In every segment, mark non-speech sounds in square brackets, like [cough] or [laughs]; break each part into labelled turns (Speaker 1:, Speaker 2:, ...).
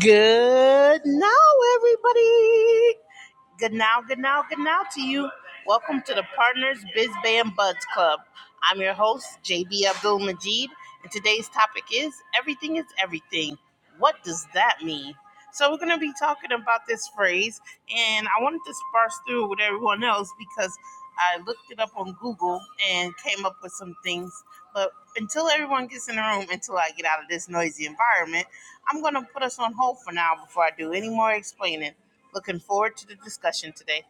Speaker 1: Good now, everybody. Good now, good now, good now to you. Welcome to the Partners Biz Band Buds Club. I'm your host, JB Abdul Majid, and today's topic is Everything is Everything. What does that mean? So, we're going to be talking about this phrase, and I wanted to sparse through with everyone else because I looked it up on Google and came up with some things. but until everyone gets in the room, until I get out of this noisy environment, I'm going to put us on hold for now before I do any more explaining. Looking forward to the discussion today.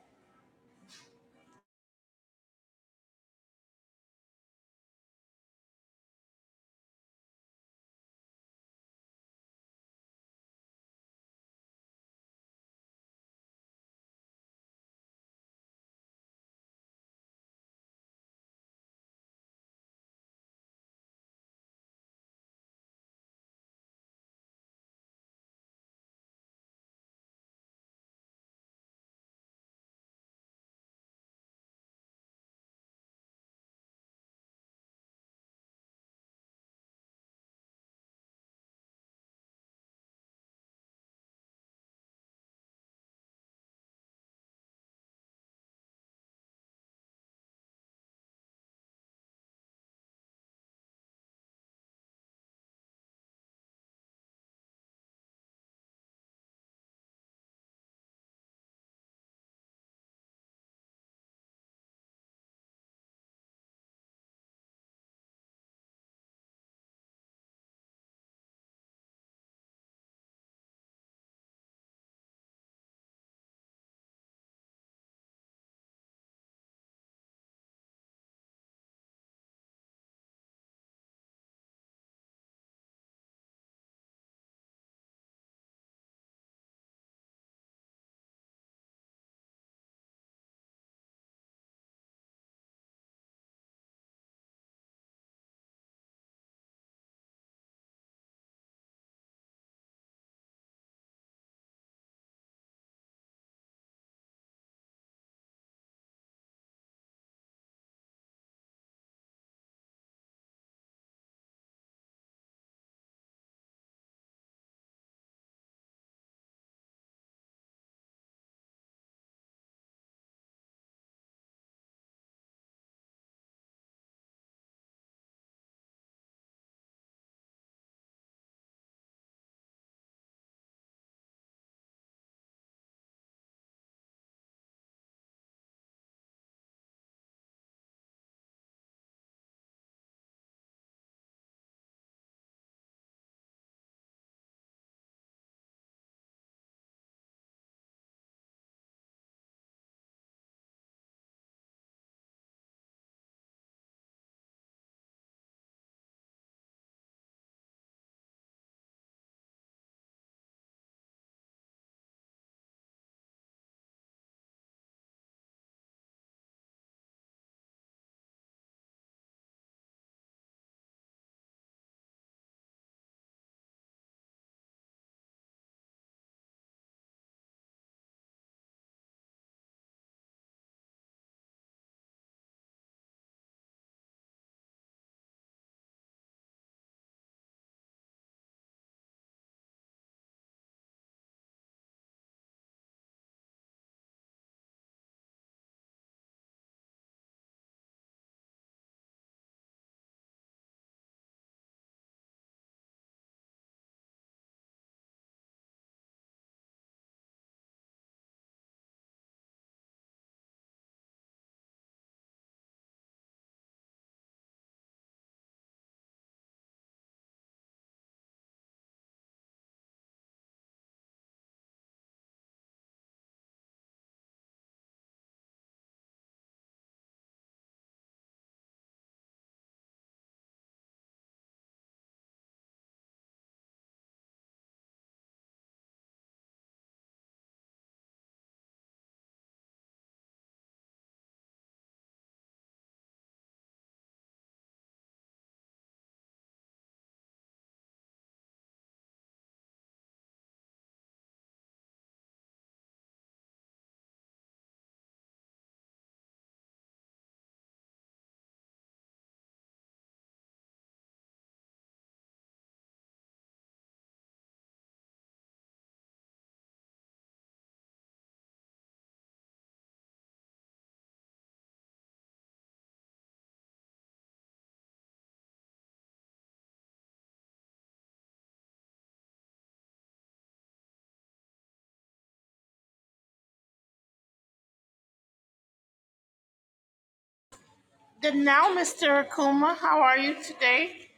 Speaker 1: Good now, Mr. Akuma. How are you today?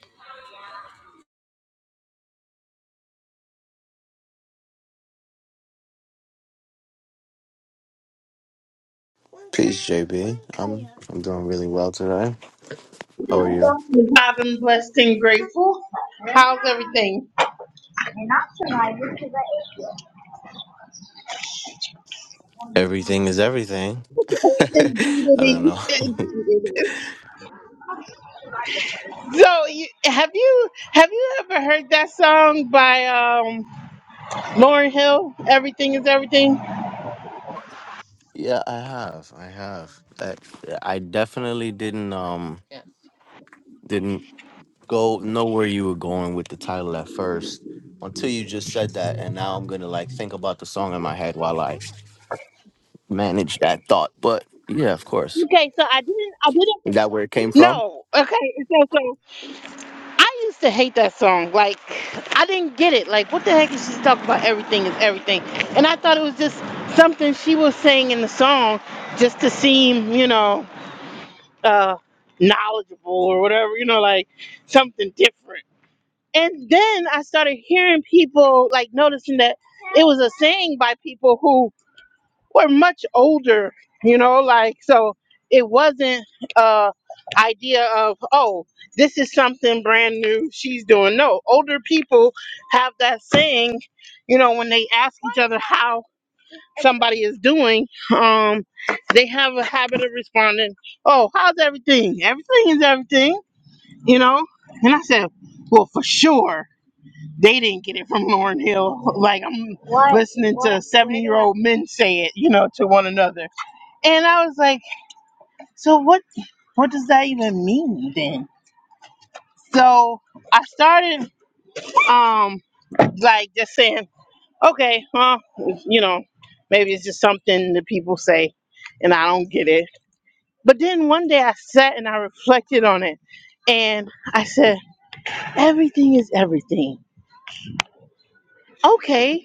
Speaker 2: Peace, JB. I'm I'm doing really well today. How are you?
Speaker 1: I've been blessed and grateful. How's everything?
Speaker 2: Everything is everything. [laughs] I
Speaker 1: Indeed it
Speaker 2: don't
Speaker 1: is.
Speaker 2: know.
Speaker 1: Indeed it is. So, you, have you have you ever heard that song by um, Lauren Hill? Everything is everything.
Speaker 2: [laughs] yeah, I have. I have. I, I definitely didn't um didn't go know where you were going with the title at first until you just said that, and now I'm gonna like think about the song in my head while I manage that thought. But yeah, of course.
Speaker 1: Okay, so I I didn't. I didn't.
Speaker 2: Is that where it came from?
Speaker 1: No, okay. So, so I used to hate that song. Like, I didn't get it. Like, what the heck is she talking about? Everything is everything. And I thought it was just something she was saying in the song just to seem, you know, uh, knowledgeable or whatever, you know, like something different. And then I started hearing people, like, noticing that it was a saying by people who were much older, you know, like so it wasn't uh idea of oh this is something brand new she's doing no older people have that saying you know when they ask each other how somebody is doing um they have a habit of responding oh how's everything everything is everything you know and i said well for sure they didn't get it from lauren hill like i'm listening to 70 year old men say it you know to one another and I was like, so what what does that even mean then? So I started um like just saying, okay, well, you know, maybe it's just something that people say and I don't get it. But then one day I sat and I reflected on it and I said, everything is everything. Okay.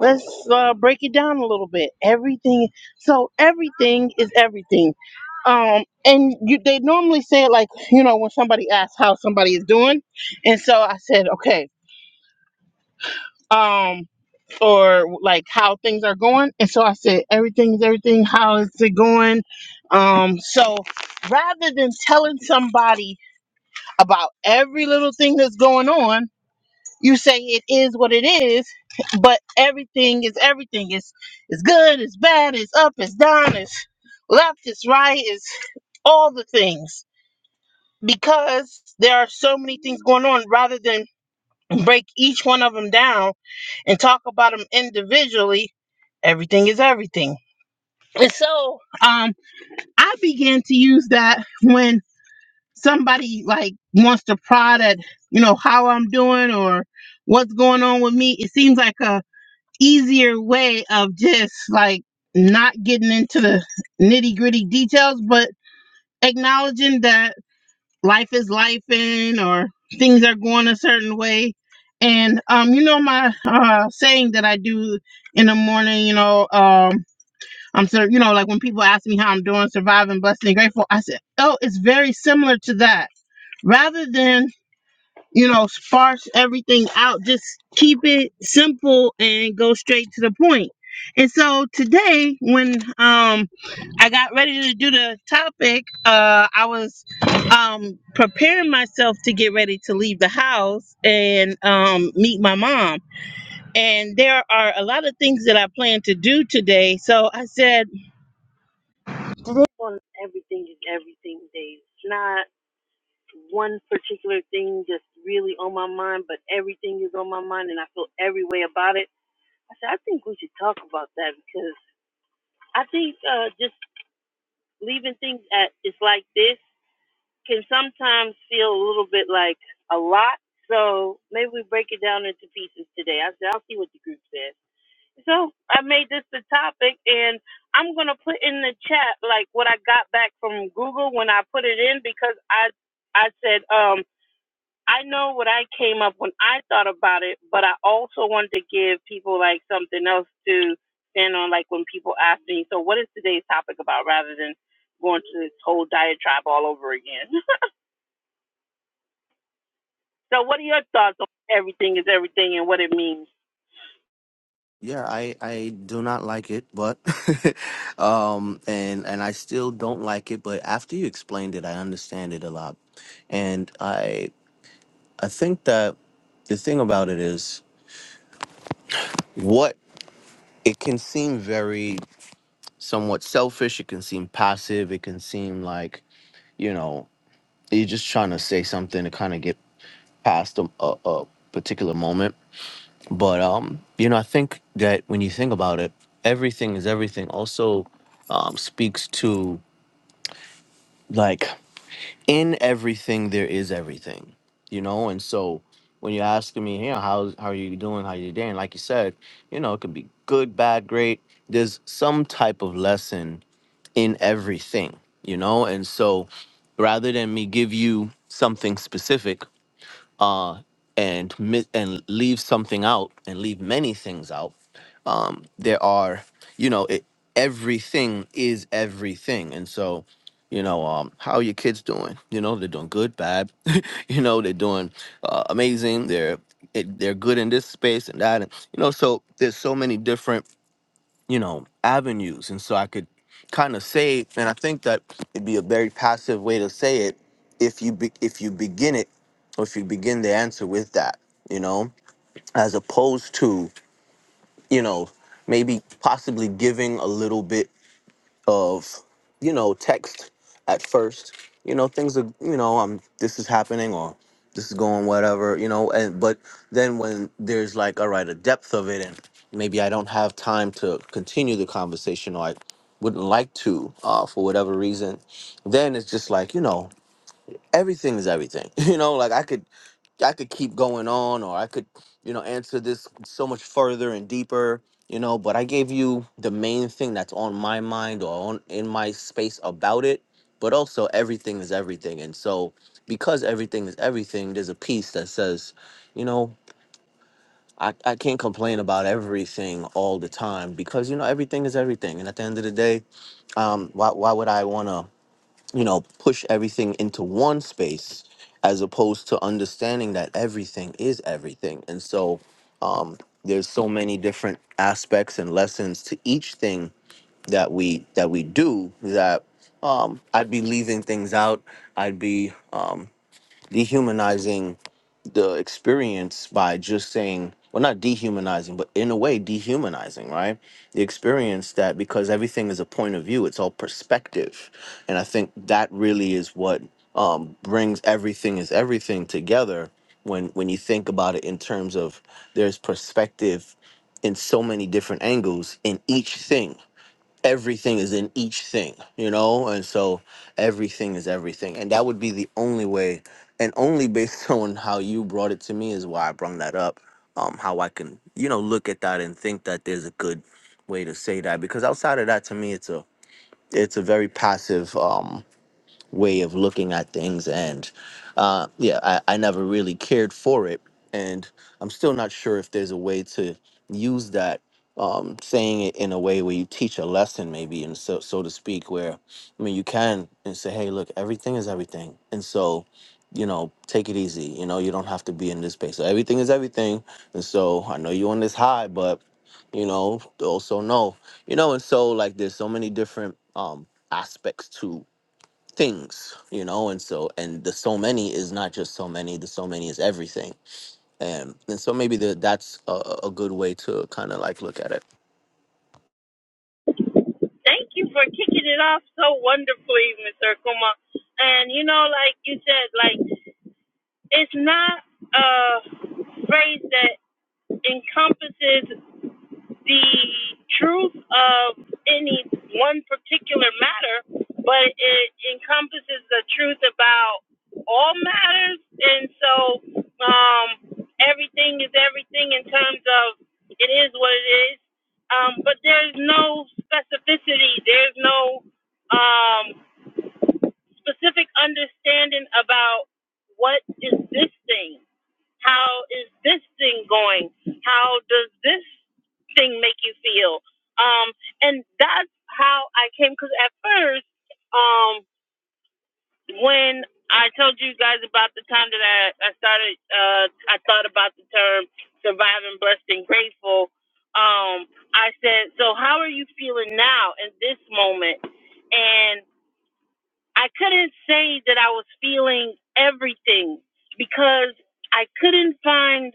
Speaker 1: let's uh, break it down a little bit. Everything, so everything is everything. Um, and you, they normally say it like you know when somebody asks how somebody is doing, and so I said okay, um, or like how things are going, and so I said everything is everything. How is it going? Um, so rather than telling somebody about every little thing that's going on you say it is what it is, but everything is everything. It's it's good, it's bad, it's up, it's down, it's left, it's right, it's all the things. Because there are so many things going on, rather than break each one of them down and talk about them individually, everything is everything. And so um I began to use that when somebody like wants to prod at, you know, how I'm doing or what's going on with me. It seems like a easier way of just like not getting into the nitty gritty details, but acknowledging that life is life in or things are going a certain way. And um, you know my uh saying that I do in the morning, you know, um I'm sort you know, like when people ask me how I'm doing, surviving, blessed and grateful, I said, Oh, it's very similar to that. Rather than you know, sparse everything out. Just keep it simple and go straight to the point. And so today, when um, I got ready to do the topic, uh, I was um, preparing myself to get ready to leave the house and um, meet my mom. And there are a lot of things that I plan to do today. So I said, everything is everything day. It's not." one particular thing just really on my mind, but everything is on my mind and I feel every way about it. I said, I think we should talk about that because I think uh, just leaving things at it's like this can sometimes feel a little bit like a lot. So maybe we break it down into pieces today. I said, I'll see what the group says. So I made this the topic and I'm going to put in the chat like what I got back from Google when I put it in because I, I said, um. I know what I came up when I thought about it, but I also wanted to give people like something else to stand on, like when people ask me, so what is today's topic about rather than going to this whole diatribe all over again. [laughs] so what are your thoughts on everything is everything and what it means?
Speaker 2: Yeah, I I do not like it, but [laughs] um and and I still don't like it, but after you explained it, I understand it a lot. And I I think that the thing about it is what it can seem very somewhat selfish, it can seem passive, it can seem like, you know, you're just trying to say something to kind of get past a, a, a particular moment. But um, you know, I think that when you think about it, everything is everything. Also, um, speaks to like in everything there is everything, you know. And so when you're asking me, you know, how how are you doing? How you doing? Like you said, you know, it could be good, bad, great. There's some type of lesson in everything, you know. And so rather than me give you something specific uh, and mi- and leave something out and leave many things out. Um, there are, you know, it, everything is everything, and so, you know, um, how are your kids doing? You know, they're doing good, bad. [laughs] you know, they're doing uh, amazing. They're it, they're good in this space and that, and you know, so there's so many different you know, avenues. And so I could kind of say, and I think that it'd be a very passive way to say it if you be, if you begin it or if you begin the answer with that, you know, as opposed to, you know, maybe possibly giving a little bit of you know text at first you know things are you know um this is happening or this is going whatever you know and but then when there's like all right a depth of it and maybe i don't have time to continue the conversation or i wouldn't like to uh for whatever reason then it's just like you know everything is everything [laughs] you know like i could I could keep going on, or I could, you know, answer this so much further and deeper, you know. But I gave you the main thing that's on my mind or on in my space about it. But also, everything is everything, and so because everything is everything, there's a piece that says, you know, I, I can't complain about everything all the time because you know everything is everything, and at the end of the day, um, why why would I wanna? you know, push everything into one space as opposed to understanding that everything is everything. And so um, there's so many different aspects and lessons to each thing that we that we do that um, I'd be leaving things out. I'd be um, dehumanizing the experience by just saying well not dehumanizing but in a way dehumanizing right the experience that because everything is a point of view it's all perspective and i think that really is what um, brings everything is everything together when when you think about it in terms of there's perspective in so many different angles in each thing everything is in each thing, you know? And so everything is everything. And that would be the only way, and only based [laughs] on how you brought it to me is why I brought that up. Um, how I can, you know, look at that and think that there's a good way to say that. Because outside of that, to me, it's a it's a very passive. Um, way of looking at things. And uh, yeah, I, I never really cared for it. And I'm still not sure if there's a way to use that, um, saying it in a way where you teach a lesson, maybe, and so, so to speak, where, I mean, you can and say, hey, look, everything is everything. And so, you know, take it easy. You know, you don't have to be in this space. So everything is everything. And so I know you're on this high, but, you know, also know, you know, and so like there's so many different um aspects to things you know and so and the so many is not just so many the so many is everything and and so maybe the, that's a, a a good way to kind of like look at it
Speaker 1: Thank you for kicking it off so wonderfully, Mr. Kuma. And you know, like you said, like it's not a phrase that encompasses the truth of any one particular matter, but it encompasses the truth about all matters. And so um, everything is everything in terms of it is what it is. Um, but there's no specificity, there's no um, specific understanding about what is this thing. How is this thing going? How does this thing make you feel? Um, and that's how I came. Because at first, um, when I told you guys about the time that I, I started, uh, I thought about the term surviving, blessed, and grateful. Um, I said, so how are you feeling now in this moment? And I couldn't say that I was feeling everything because I couldn't find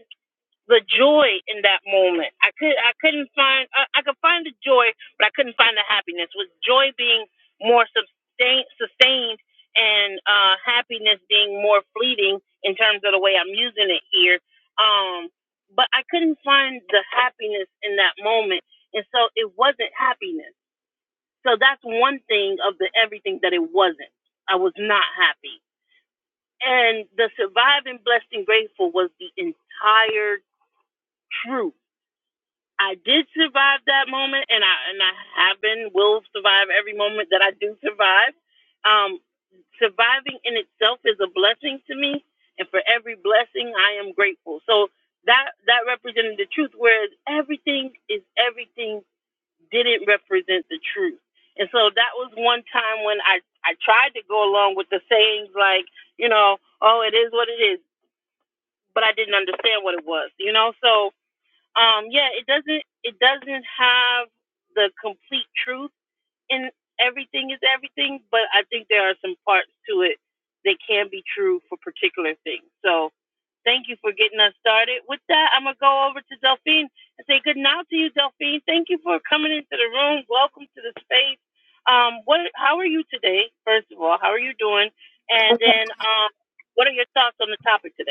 Speaker 1: the joy in that moment. I could I couldn't find I, I could find the joy, but I couldn't find the happiness. With joy being more sustain, sustained and uh, happiness being more fleeting in terms of the way I'm using it here. Um, but I couldn't find the happiness in that moment, and so it wasn't happiness. So that's one thing of the everything that it wasn't. I was not happy. And the surviving blessed and grateful was the entire truth I did survive that moment, and I and I have been will survive every moment that I do survive. Um, surviving in itself is a blessing to me, and for every blessing, I am grateful. So that that represented the truth, whereas everything is everything didn't represent the truth. And so that was one time when I I tried to go along with the sayings like you know oh it is what it is, but I didn't understand what it was, you know so um yeah it doesn't it doesn't have the complete truth in everything is everything but i think there are some parts to it that can be true for particular things so thank you for getting us started with that i'm going to go over to delphine and say good night to you delphine thank you for coming into the room welcome to the space um what how are you today first of all how are you doing and then um what are your thoughts on the topic today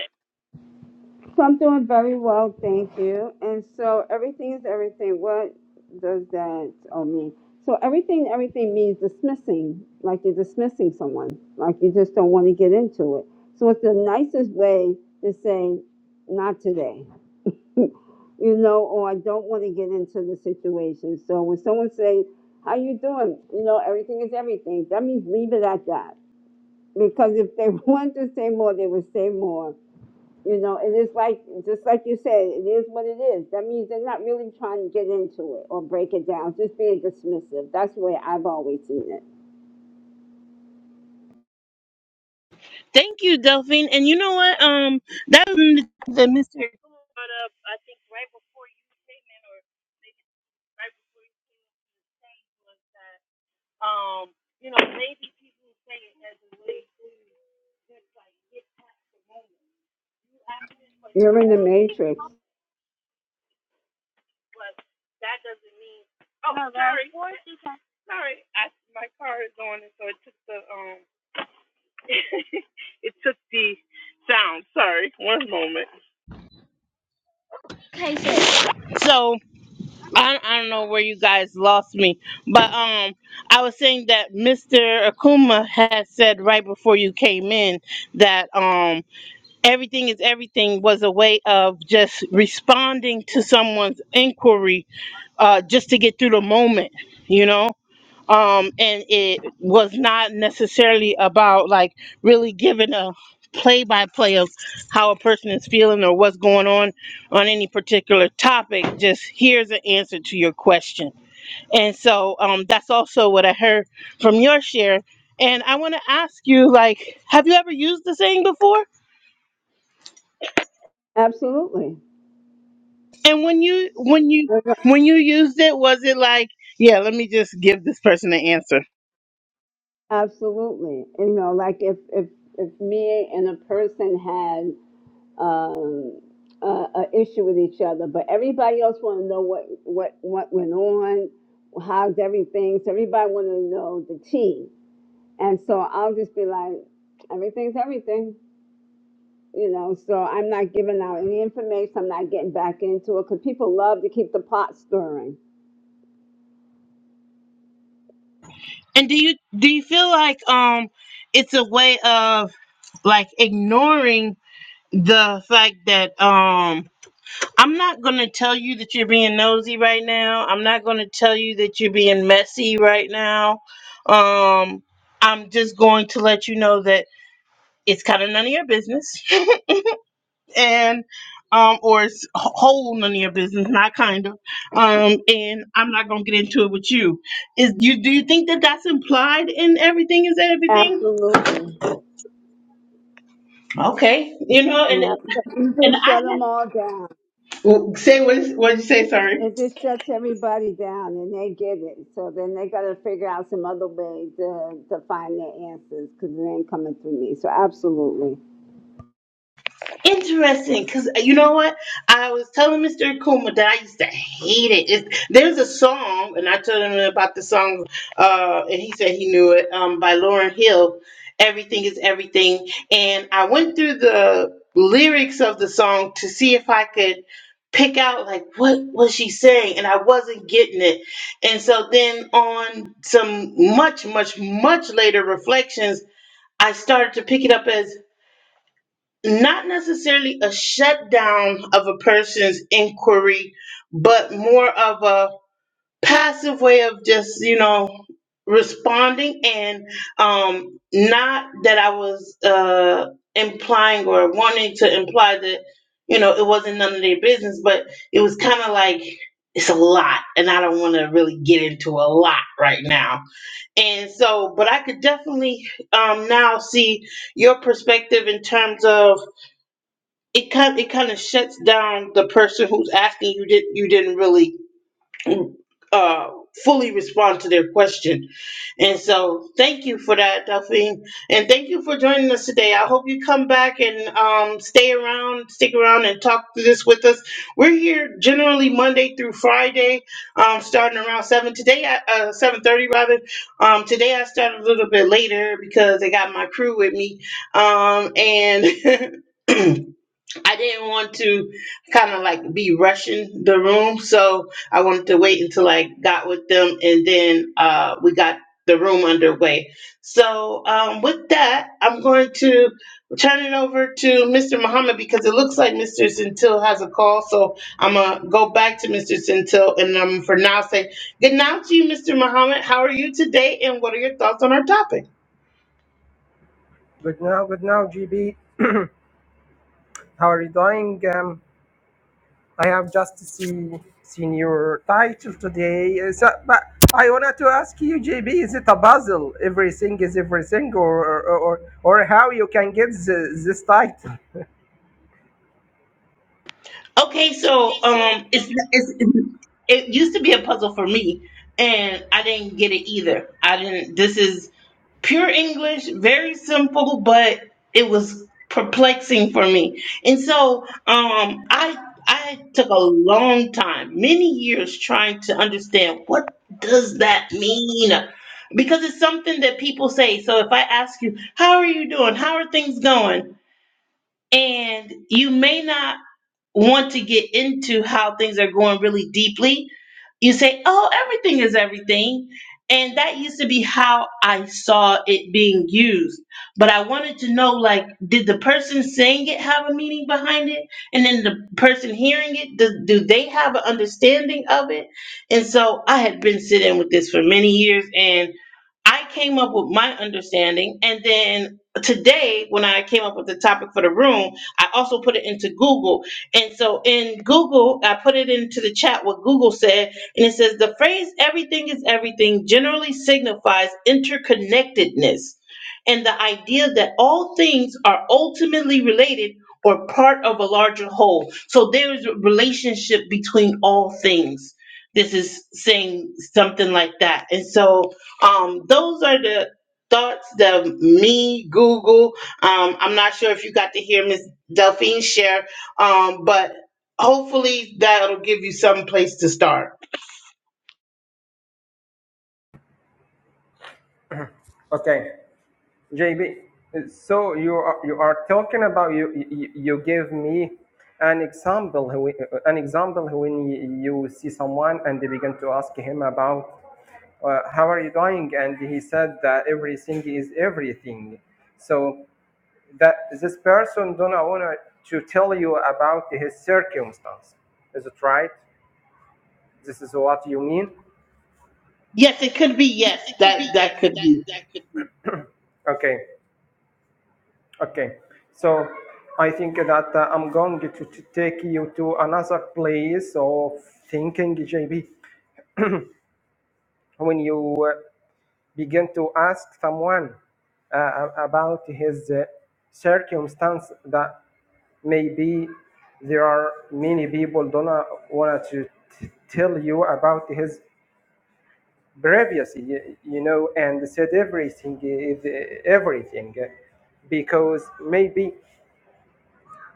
Speaker 3: So I'm doing very well, thank you. And so everything is everything. What does that all mean? So everything, everything means dismissing, like you're dismissing someone, like you just don't want to get into it. So it's the nicest way to say, not today, [laughs] you know, or I don't want to get into the situation. So when someone say, how you doing? You know, everything is everything. That means leave it at that. Because if they [laughs] want to say more, they would say more you know, it is like, just like you said, it is what it is. That means they're not really trying to get into it or break it down, just being dismissive. That's the way I've always seen it.
Speaker 1: Thank you, Delphine. And you know what? Um, that was the the Mr. Cool brought up. I think right before you came in, or maybe right before you came to the stage, was that um, you know, maybe people say it as a way to just like get the moment. That's the question
Speaker 3: You're
Speaker 1: I
Speaker 3: in the
Speaker 1: want to ask
Speaker 3: matrix.
Speaker 1: was that doesn't mean. Oh, No, that's- sorry, sorry. I, my car is on, and so it took the um, [laughs] it took the sound. Sorry, one moment. So. I, I don't know where you guys lost me, but um, I was saying that Mr. Akuma had said right before you came in that um, everything is everything was a way of just responding to someone's inquiry, uh, just to get through the moment, you know um and it was not necessarily about like really giving a play by play of how a person is feeling or what's going on on any particular topic just here's an answer to your question and so um that's also what i heard from your share and i want to ask you like have you ever used the saying before
Speaker 3: Absolutely.
Speaker 1: and when you when you when you used it was it like yeah let me just give this person an answer
Speaker 3: Absolutely. You know, like if, if, if me and a person had, um, uh, a a issue with each other, but everybody else want to know what, what, what went on, how's everything. So everybody want to know the tea. And so I'll just be like, everything's everything you know, so I'm not giving out any information. I'm not getting back into it because people love to keep the pot stirring.
Speaker 1: And do you do you feel like um it's a way of like ignoring the fact that um I'm not going to tell you that you're being nosy right now. I'm not going to tell you that you're being messy right now. Um I'm just going to let you know that it's kind of none of your business [laughs] and um or it's whole none of your business, not kind of. Um and I'm not going to get into it with you. Is you do you think that that's implied in everything is everything?
Speaker 3: Absolutely.
Speaker 1: Okay. You know, and
Speaker 3: Yeah. You
Speaker 1: and
Speaker 3: just
Speaker 1: I
Speaker 3: shut
Speaker 1: had
Speaker 3: them all down.
Speaker 1: Well, Say what? What did you say? Sorry.
Speaker 3: It just shuts everybody down and they get it. So then they got to figure out some other way to, to find their answers because it ain't coming through me. So absolutely.
Speaker 1: Interesting, because you know what? I was telling Mr. Akuma that I used to hate it. It's, there's a song, and I told him about the song, uh, and he said he knew it um, by Lauren Hill. Everything is everything, and I went through the lyrics of the song to see if I could pick out like what was she saying, and I wasn't getting it. And so then on some much, much, much later reflections, I started to pick it up as not necessarily a shutdown of a person's inquiry, but more of a passive way of just, you know, responding and um, not that I was uh, implying or wanting to imply that, you know, it wasn't none of their business, but it was kind of like, it's a lot, and I don't want to really get into a lot right now. And so, but I could definitely um, now see your perspective in terms of it kind it kind of shuts down the person who's asking you did you didn't really uh fully respond to their question and so thank you for that Delphine and thank you for joining us today I hope you come back and um stay around stick around and talk through this with us we're here generally Monday through Friday um starting around seven today at uh, seven thirty rather um today I started a little bit later because I got my crew with me um and [laughs] [clears throat] I didn't want to kind of like be rushing the room, so I wanted to wait until I got with them and then uh, we got the room underway. So, um, with that, I'm going to turn it over to Mr. Muhammad because it looks like Mr. Centil has a call. So, I'm going to go back to Mr. Centil and I'm for now say good night to you, Mr. Muhammad. How are you today and what are your thoughts on our topic?
Speaker 4: Good now, good now, GB. How are you doing? Um, I have just see, seen your title today. Uh, So, but I wanted to ask you, GB, is it a puzzle? Everything is everything, or or, or or how you can get the, this title?
Speaker 1: Okay, so um, it's it's it used to be a puzzle for me, and I didn't get it either. I didn't. This is pure English, very simple, but it was perplexing for me. And so, um, I I took a long time, many years, trying to understand what does that mean. Because it's something that people say. So if I ask you, how are you doing? How are things going? And you may not want to get into how things are going really deeply, you say, oh, everything is everything. And that used to be how I saw it being used. But I wanted to know like, did the person saying it have a meaning behind it? And then the person hearing it, do, do they have an understanding of it? And so I had been sitting with this for many years. and. I came up with my understanding, and then today, when I came up with the topic for the room, I also put it into Google. And so, in Google, I put it into the chat what Google said, and it says the phrase everything is everything generally signifies interconnectedness and the idea that all things are ultimately related or part of a larger whole. So, there is a relationship between all things. This is saying something like that. And so, um those are the thoughts that me google um i'm not sure if you got to hear miss delphine share um but hopefully that'll give you some place to start
Speaker 4: Okay, JB. uh, So you are you are talking about you you, you give me an example who- an example when you see someone and they begin to ask him about uh, how are you doing and he said that everything is everything so that this person don't want to tell you about his circumstance is it right this is what you mean
Speaker 1: yes it could be yes that that could be
Speaker 4: okay okay so i think that uh, i'm going to, to take you to another place of thinking jb when you uh, began to ask someone uh, about his uh, circumstance that maybe there are many people don't want to t- tell you about his previous you, you know and said everything uh, everything uh, because maybe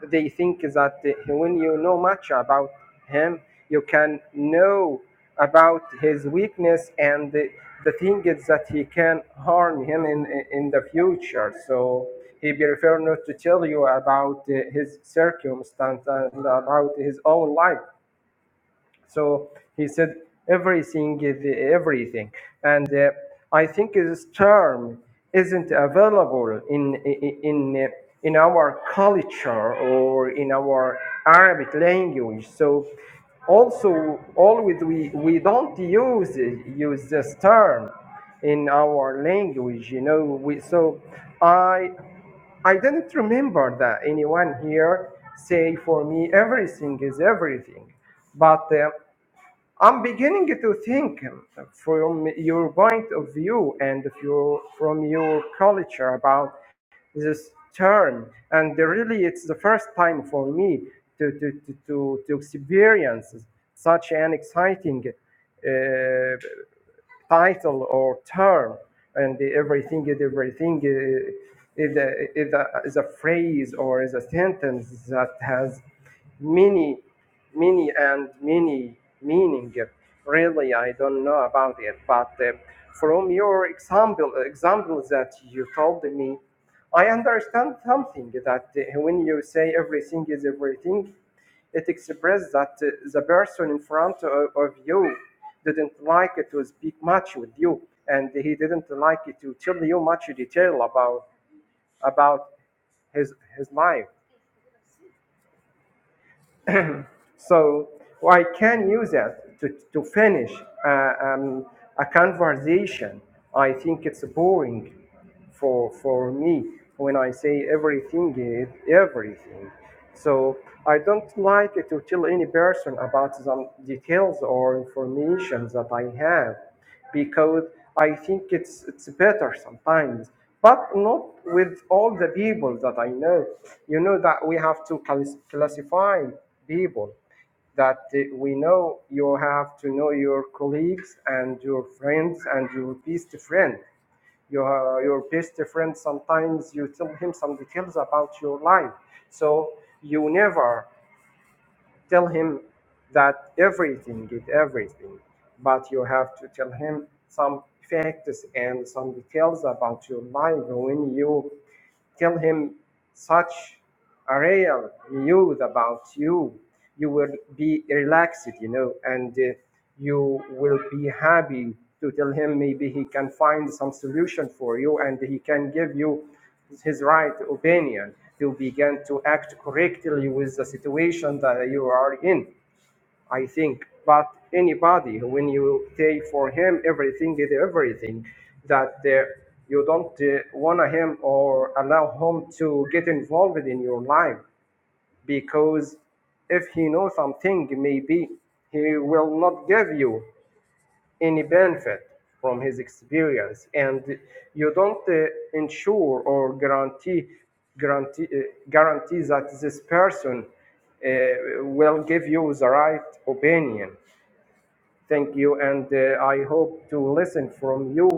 Speaker 4: they think that uh, when you know much about him, you can know about his weakness and the, the thing is that he can harm him in, in the future. So he prefer not to tell you about uh, his circumstance and about his own life. So he said everything is everything, and uh, I think this term isn't available in in in our culture or in our Arabic language. So also always we we don't use use this term in our language you know we so i i didn't remember that anyone here say for me everything is everything but uh, I'm beginning to think um, from your point of view and if you from your culture about this term. And really, it's the first time for me to, to, to, to, to experience such an exciting uh, title or term, and everything is everything uh, is a, is, a, is a phrase or is a sentence that has many, many and many meaning. Really, I don't know about it, but uh, from your example examples that you told me, I understand something that uh, when you say everything is everything. It expressed that uh, the person in front o- of you didn't like to speak much with you, and he didn't like to tell you much detail about about his his life. So well, I can use that to, to finish uh, um, a conversation. I think it's boring for, for me when I say everything is everything. So I don't like to tell any person about some details or information that I have because I think it's it's better sometimes, but not with all the people that I know. You know that we have to clas- classify people that uh, we know you have to know your colleagues and your friends and your best friend. Your, your best friend sometimes you tell him some details about your life, so you never tell him that everything is everything, but you have to tell him some facts and some details about your life when you Tell him such a real news about you. You will be relaxed, you know, and uh, you will be happy to tell him maybe he can find some solution for you and he can give you his right opinion to begin to act correctly with the situation that you are in. I think. But anybody, when you say for him everything is everything, that uh, you don't uh, want him or allow him to get involved in your life because if he knows something, maybe he will not give you any benefit from his experience, and you don't uh, ensure or guarantee guarantee uh, guarantee that this person uh, will give you the right opinion Thank you, and uh, I hope to listen from you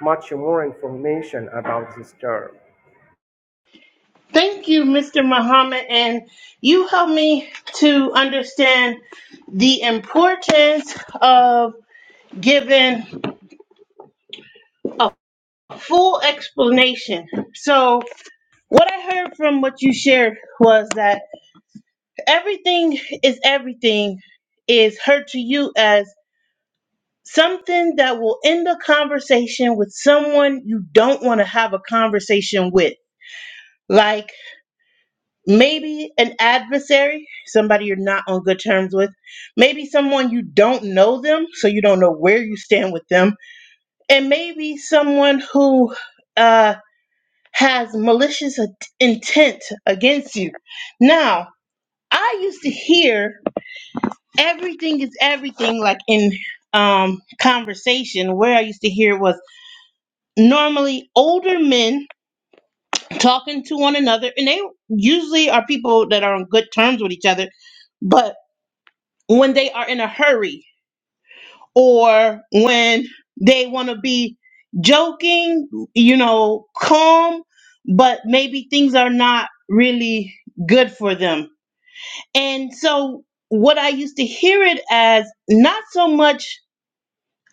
Speaker 4: much more information about this term.
Speaker 1: Thank you, Mr. Muhammad. And you helped me to understand the importance of giving a full explanation. So, what I heard from what you shared was that everything is everything is heard to you as something that will end a conversation with someone you don't want to have a conversation with. Like, maybe an adversary, somebody you're not on good terms with, maybe someone you don't know them, so you don't know where you stand with them, and maybe someone who uh, has malicious in- intent against you. Now, I used to hear everything is everything, like in um, conversation, where I used to hear was normally older men talking to one another, and they usually are people that are on good terms with each other, but when they are in a hurry or when they want to be joking, you know, calm, but maybe things are not really good for them. And so, what I used to hear it as not so much,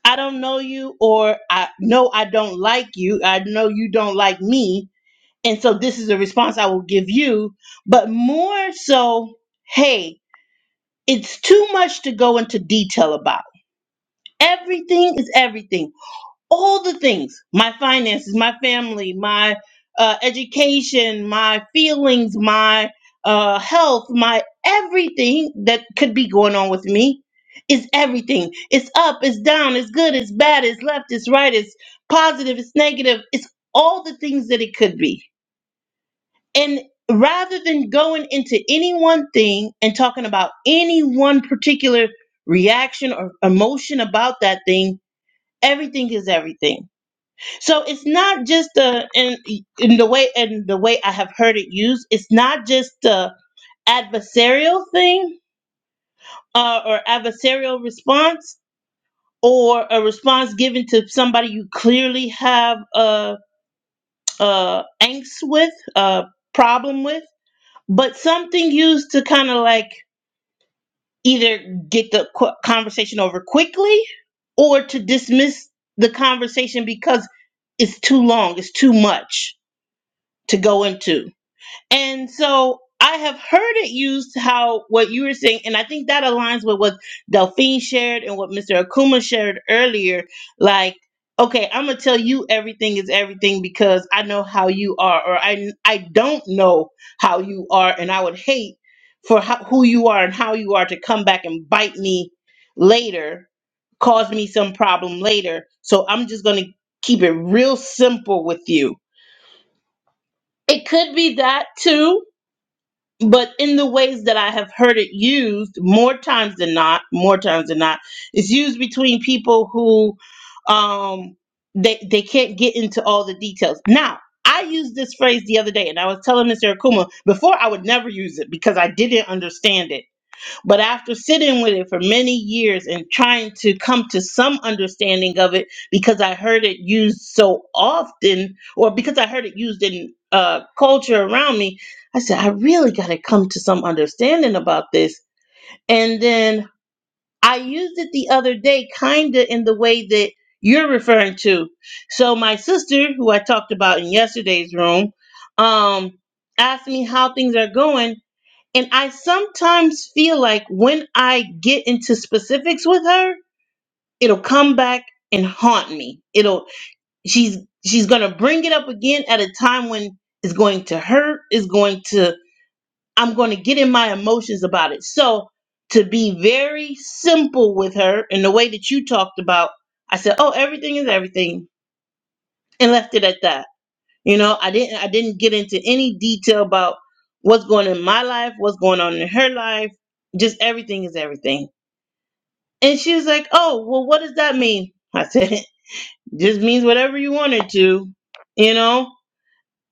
Speaker 1: I don't know you, or I know I don't like you, I know you don't like me. And so, this is a response I will give you, but more so, hey, it's too much to go into detail about Everything is everything. All the things my finances, my family, my uh, education, my feelings, my uh, health, my everything that could be going on with me is everything. It's up, it's down, it's good, it's bad, it's left, it's right, it's positive, it's negative. It's all the things that it could be. And rather than going into any one thing and talking about any one particular reaction or emotion about that thing, everything is everything so it's not just the in, in the way and the way i have heard it used it's not just the adversarial thing uh, or adversarial response or a response given to somebody you clearly have a a angst with a problem with but something used to kind of like either get the qu- conversation over quickly or to dismiss the conversation because it's too long it's too much to go into. And so I have heard it used how what you were saying, and I think that aligns with what Delphine shared and what Mr. Akuma shared earlier. Like, okay, I'm gonna tell you everything is everything because I know how you are, or I I don't know how you are, and I would hate for how, who you are and how you are to come back and bite me later, cause me some problem later. So I'm just gonna keep it real simple with you it could be that too, but in the ways that I have heard it used more times than not, more times than not, it's used between people who um they they can't get into all the details. Now, I used this phrase the other day and I was telling Mr. Akuma before I would never use it because I didn't understand it. But after sitting with it for many years and trying to come to some understanding of it because I heard it used so often or because I heard it used in uh, culture around me, I said, I really got to come to some understanding about this. And then I used it the other day, kind of in the way that you're referring to. So my sister, who I talked about in yesterday's room, um, asked me how things are going and I sometimes feel like when I get into specifics with her, it'll come back and haunt me. It'll she's she's gonna bring it up again at a time when it's going to hurt, it's going to I'm gonna get in my emotions about it. So to be very simple with her in the way that you talked about, I said, Oh, everything is everything and left it at that you know, I didn't I didn't get into any detail about what's going on in my life, what's going on in her life. Just everything is everything. And she was like, "Oh, well, what does that mean?" I said, [laughs] "Just means whatever you want it to, you know."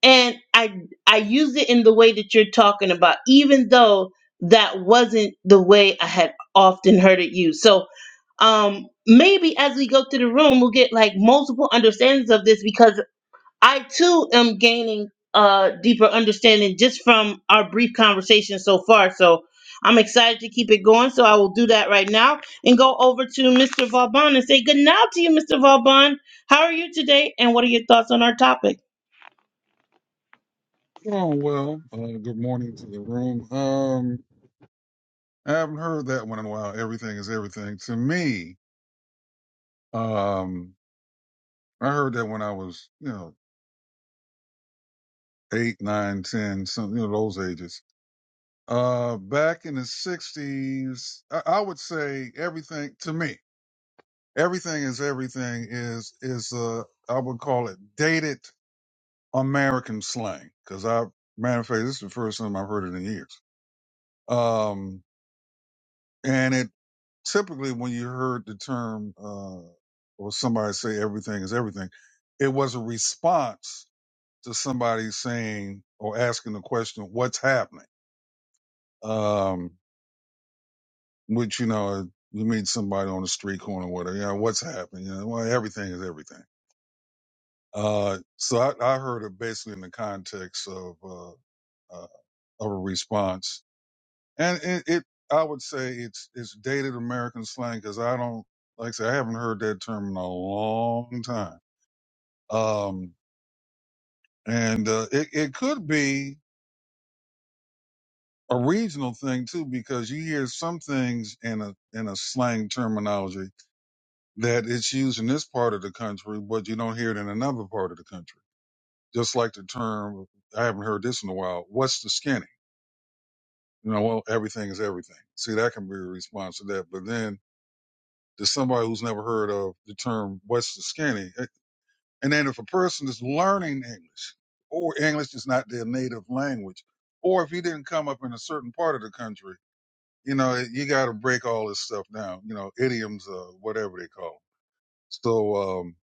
Speaker 1: And I I used it in the way that you're talking about, even though that wasn't the way I had often heard it used. So um maybe as we go through the room, we'll get like multiple understandings of this because I too am gaining a deeper understanding just from our brief conversation so far. So I'm excited to keep it going. So I will do that right now and go over to Mr. Vauban and say good night to you, Mr. Vauban. How are you today? And what are your thoughts on our topic?
Speaker 5: Oh well. Uh, good morning to the room. Um, I haven't heard that one in a while. Everything is everything to me. Um, I heard that when I was, you know, eight, nine, ten, some, you know, those ages. Uh, back in the '60s, I, I would say everything to me. Everything is everything is is uh, I would call it dated American slang because I, matter of fact, this is the first time I've heard it in years. Um, and it typically when you heard the term uh, or somebody say everything is everything, it was a response to somebody saying or asking the question, "What's happening?" Um, which you know, you meet somebody on the street corner, whatever. You know, what's happening? You know, well, everything is everything. Uh, so I, I heard it basically in the context of uh, uh, of a response and it, it I would say it's it's dated American slang because I don't like I say I haven't heard that term in a long time. Um, and uh, it it could be a regional thing too because you hear some things in a in a slang terminology that it's used in this part of the country, but you don't hear it in another part of the country. Just like the term I haven't heard this in a while. What's the skinny? You know, well, everything is everything. See, that can be a response to that, but then to somebody who's never heard of the term Western scanning. Eh, And then if a person is learning English or English is not their native language, or if you didn't come up in a certain part of the country, you know, eh, you got to break all this stuff down, you know, idioms, uh, whatever they call 'em. So, um,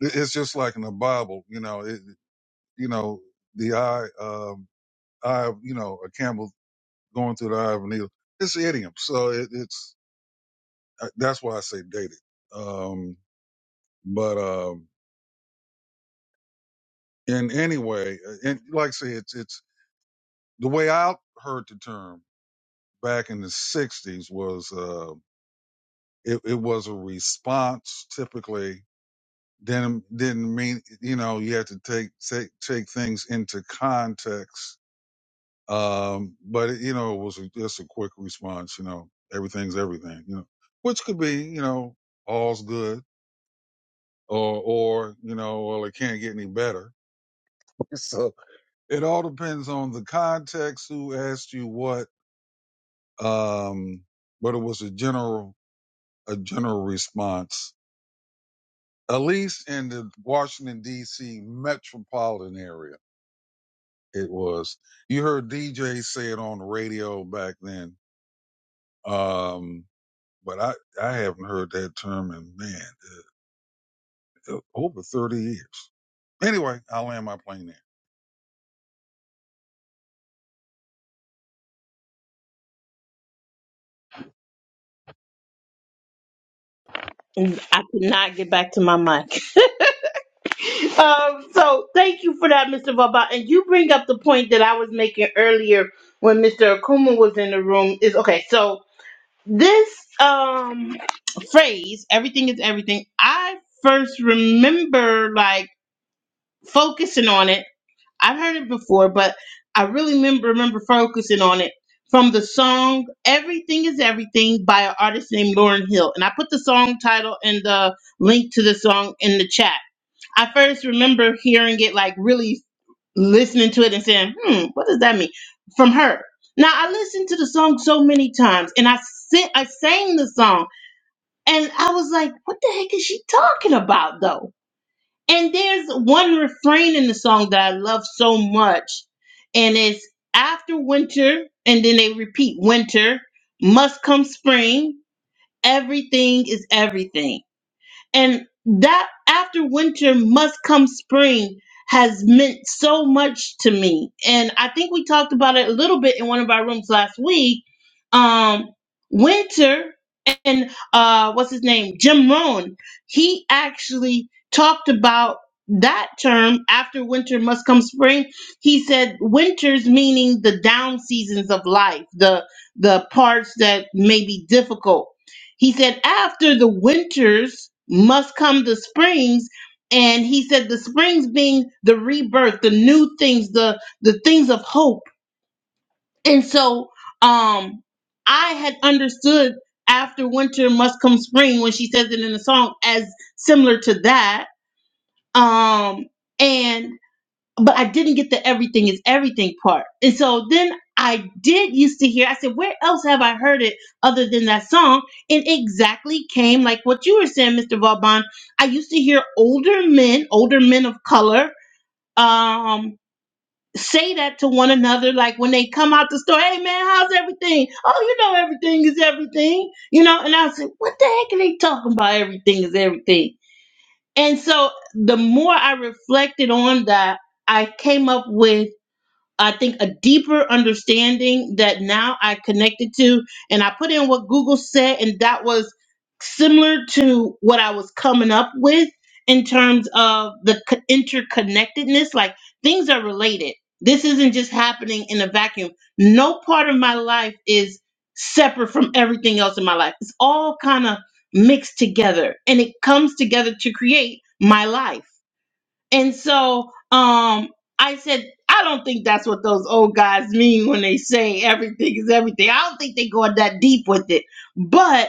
Speaker 5: it- it's just like in the Bible, you know, it, you know, the eye, um, eye, of, you know, a camel going through the eye of a needle. It's idiom. So it, it's, uh, that's why I say dated. Um, but, um, And anyway, uh, and like I say, it's it's the way I heard the term back in the '60s was uh, it, it was a response. Typically, didn't didn't mean you know you had to take take take things into context. Um, but it, you know, it was just a quick response. You know, everything's everything. You know, which could be you know all's good or or you know well it can't get any better. [laughs] So it all depends on the context, who asked you what um, but it was a general a general response, at least in the Washington D.C. metropolitan area. It was. You heard DJ say it on the radio back then, um, but I I haven't heard that term in man uh, uh, over thirty years. Anyway, I'll land my plane there.
Speaker 1: And I could not get back to my mic. [laughs] Um, so thank you for that, Mr. Vauban. And you bring up the point that I was making earlier when Mr. Akuma was in the room. Is okay. So this um phrase everything is everything i first remember like focusing on it i've heard it before but i really remember remember focusing on it from the song everything is everything by an artist named lauren hill and i put the song title and the link to the song in the chat i first remember hearing it like really listening to it and saying hmm what does that mean from her now i listened to the song so many times and i sent i sang the song and I was like, what the heck is she talking about though? And there's one refrain in the song that I love so much. And it's after winter, and then they repeat winter, must come spring, everything is everything and that after winter must come spring has meant so much to me and i think we talked about it a little bit in one of our rooms last week um winter and uh what's his name jim rohn he actually talked about that term after winter must come spring he said winters meaning the down seasons of life the the parts that may be difficult he said, after the winters must come the springs. And he said, the springs being the rebirth, the new things, the, the things of hope. And so um, I had understood after winter must come spring when she says it in the song as similar to that. Um, and but I didn't get the everything is everything part. And so then I did used to hear, I said, where else have I heard it other than that song? And exactly came like what you were saying, Mr. Vauban. I used to hear older men, older men of color, um, say that to one another, like when they come out the store, hey man, how's everything? Oh, you know everything is everything, you know? And I said, what the heck are they talking about? Everything is everything. And so the more I reflected on that, I came up with I think a deeper understanding that now I connected to, and I put in what Google said, and that was similar to what I was coming up with in terms of the co- interconnectedness. Like things are related. This isn't just happening in a vacuum. No part of my life is separate from everything else in my life. It's all kind of mixed together, and it comes together to create my life and so um I said, I don't think that's what those old guys mean when they say everything is everything. I don't think they go that deep with it. But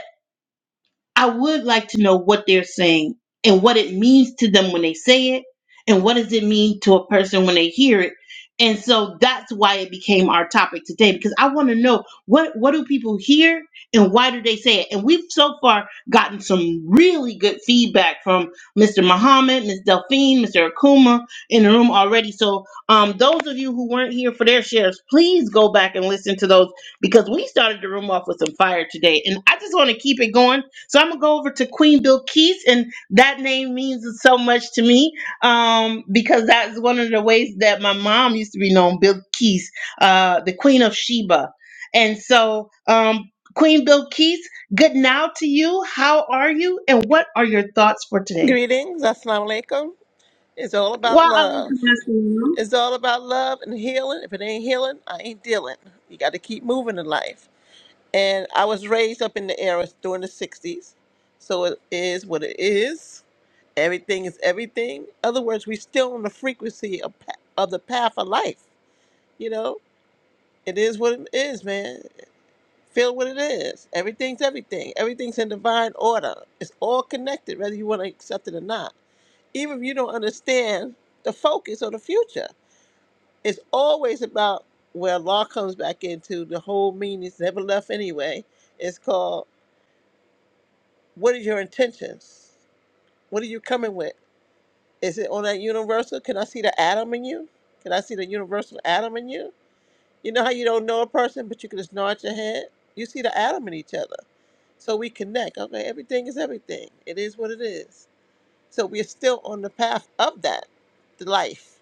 Speaker 1: I would like to know what they're saying and what it means to them when they say it, and what does it mean to a person when they hear it. And so that's why it became our topic today because I want to know what what do people hear and why do they say it. And we've so far gotten some really good feedback from Mr. Muhammad, Ms. Delphine, Mr. Akuma in the room already. So um, those of you who weren't here for their shares, please go back and listen to those because we started the room off with some fire today, and I just want to keep it going so I'm gonna go over to Queen Bill Keith, and that name means so much to me um, because that's one of the ways that my mom used to be known, Bill Keith, uh, the Queen of Sheba. And so, um, Queen Bill Keith, good now to you. How are you, and what are your thoughts for today?
Speaker 6: Greetings, assalamu alaikum. It's all about
Speaker 1: Wow,
Speaker 6: love. It's all about love and healing. If it ain't healing, I ain't dealing. You got to keep moving in life. And I was raised up in the era during the 60s, so it is what it is. Everything is everything. In other words, we still on the frequency of, pa- of the path of life. You know, it is what it is, man. Feel what it is. Everything's everything. Everything's in divine order. It's all connected, whether you want to accept it or not. even if you don't understand the focus or the future. It's always about where law comes back into the whole meaning is never left anyway. It's called what are your intentions? What are you coming with? Is it on that universal? Can I see the atom in you? Can I see the universal atom in you? You know how you don't know a person, but you can just nod your head? You see the atom in each other. So we connect. Okay, everything is everything. It is what it is. So we're still on the path of that, the life.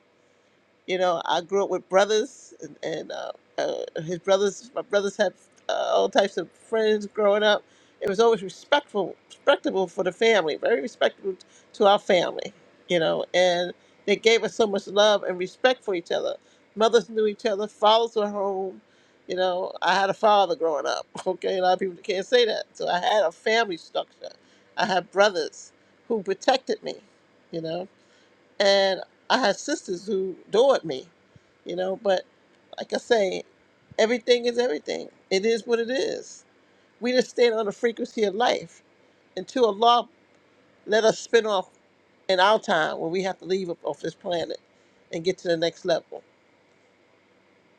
Speaker 6: You know, I grew up with brothers, and, and uh, uh, his brothers. My brothers had uh, all types of friends growing up. It was always respectful, respectable for the family, very respectable to our family. You know, and they gave us so much love and respect for each other. Mothers knew each other. Fathers were home. You know, I had a father growing up. [laughs] Okay, a lot of people can't say that. So I had a family structure. I had brothers who protected me. You know and I had sisters who adored me, you know. But like I say, everything is everything. It is what it is. We just stand on the frequency of life until Allah let us spin off in our time when we have to leave off this planet and get to the next level.